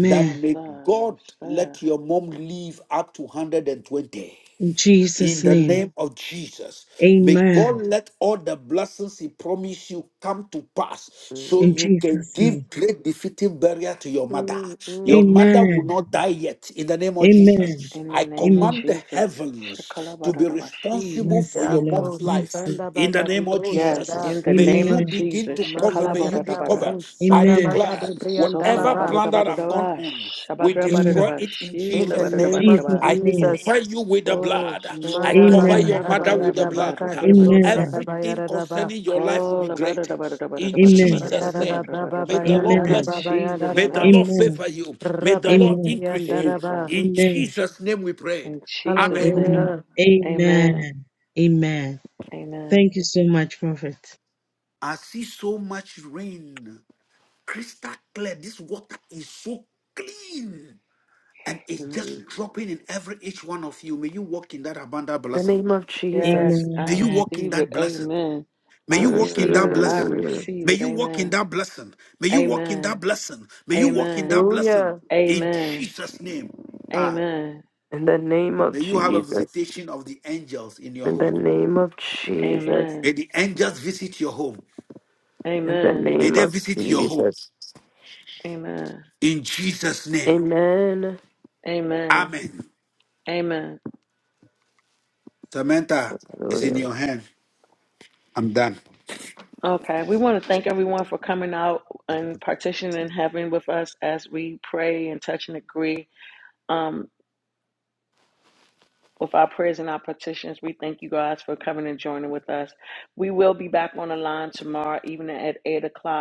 that may Asa, God Sa. let your mom live up to 120. In In Jesus' the name. name of Jesus, may God Amen. let all the blessings He promised you come to pass so In Mm, you can Jesus' name. give great defeating barrier to your mother. mm, mm. Your mother will Amen. not die yet. In the name of Amen. Jesus, in the I name of Amen. command the Jesus, heavens Shakala ba to da be ba shi. responsible Mercy, for Ya your Lord. bro mom's Mercy. life. sanda In the baga di name of bro Yes, Mercy. sanda Jesus, in the may name you of Amen. begin Jesus, to cover, manda Shakala may ba you da be da gada ba da. covered. bro I sada Amen. baga di declare briandala whatever Sokola ba ba. da plan da ba that da I've da gone ba. on, we Shabada ba da destroy Amen. ba it in shi In la the ba Jesus' da In ba name. name da of Jesus' ba. I name. Jesus. cover you with the Oh, blood. I Manda so cover la baga Amen. ba your da da da mother ba da baya da with ba the da da da ba blood. baka da de da ba da da ba da da bro ba. Amen. sada baya Everything da da ba. concerning your life will Call be la ba da greater. da ba da da ba da da In ba da da ba da Amen. Amen. Manda Jesus' da da ba da da name, da bra ba da ba da ba da da ba may da da the baya ba. Lord da da In Amen. ba bless you. baya da Jesus' May da the ba. name, Lord favor you. May the Raba Lord de Amen. increase brianda da you. yes, uh, ba. In Amen. Jesus' name we prayed. in Jesus' Amen. Amen. name, Hallelujah. Amen, Amen. Amen. Amen. Thank you so much, Prophet. I see so much rain, crystal clear. This water is so clean and it's just Mm. dropping in every each one of you. May you walk in that abundant The blessing. name of Yes, Jesus. I May you Amen. walk in receive that it, blessing. Amen. May I Mm. you walk mm, in mm, receive that it, I mm, blessing. mm. receive May it, you walk in Amen, that blessing. May you walk in that Amen, blessing. May you walk in Amen, that Hallelujah. blessing in Amen, Jesus' name. Ah, Amen, In the name of may you have a Jesus. visitation of the angels in your In the home. name of Jesus. Amen, May the angels visit your home. In the Amen, May name they of visit your home Jesus. Amen, in Jesus' name. Amen. Amen, Amen. Amen, Samantha is in Hallelujah. your hand. I'm done. Okay, we want to thank everyone for coming out and partitioning in heaven with us as we pray and touch and agree um, with our prayers and our petitions. We thank you guys for coming and joining with us. We will be back on the line tomorrow evening at 8 o'clock.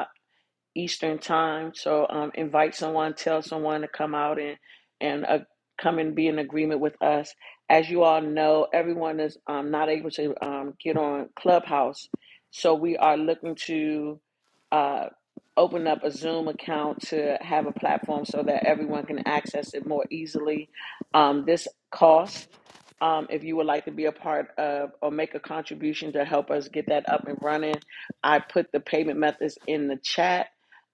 Eastern time. So um, invite someone, tell someone to come out and and uh, come and be in agreement with us. As you all know, everyone is um, not able to um, get on Clubhouse, so we are looking to uh, open up a Zoom account to have a platform so that everyone can access it more easily. Um, this cost. Um, if you would like to be a part of or make a contribution to help us get that up and running, I put the payment methods in the chat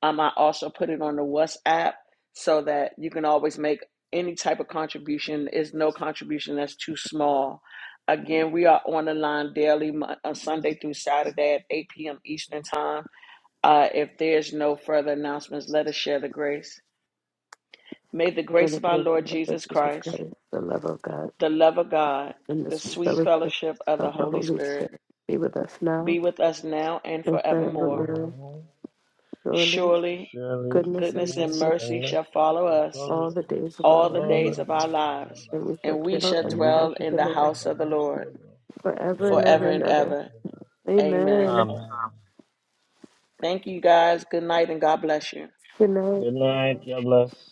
um, I also put it on the WhatsApp so that you can always make any type of contribution. Is no contribution that's too small. Again, we are on the line daily, uh, Sunday through Saturday at 8 p.m. Eastern Time. Uh, if there's no further announcements, let us share the grace. May the For grace the of our glory of Lord the Lord Jesus Jesus Christ, Christ, the love of God, the love of God, and the the sweet sweet fellowship fellowship of the of the Holy Holy Spirit Spirit be with us be now with us now and and forevermore. forevermore. forevermore. Surely, Surely, Surely goodness and goodness goodness and mercy mercy and shall mercy follow shall us follow all the us days of our all the all the lives, days of our days of our lives, and we lives, shall and we dwell shall in and the we house dwell of shall in the the dwell Lord in house the of the house of Lord the Lord forever and forever ever forever and and and ever. ever. ever. Amen. Amen. Amen. Thank you guys. Good night and God bless you. Good night. Good night. God bless.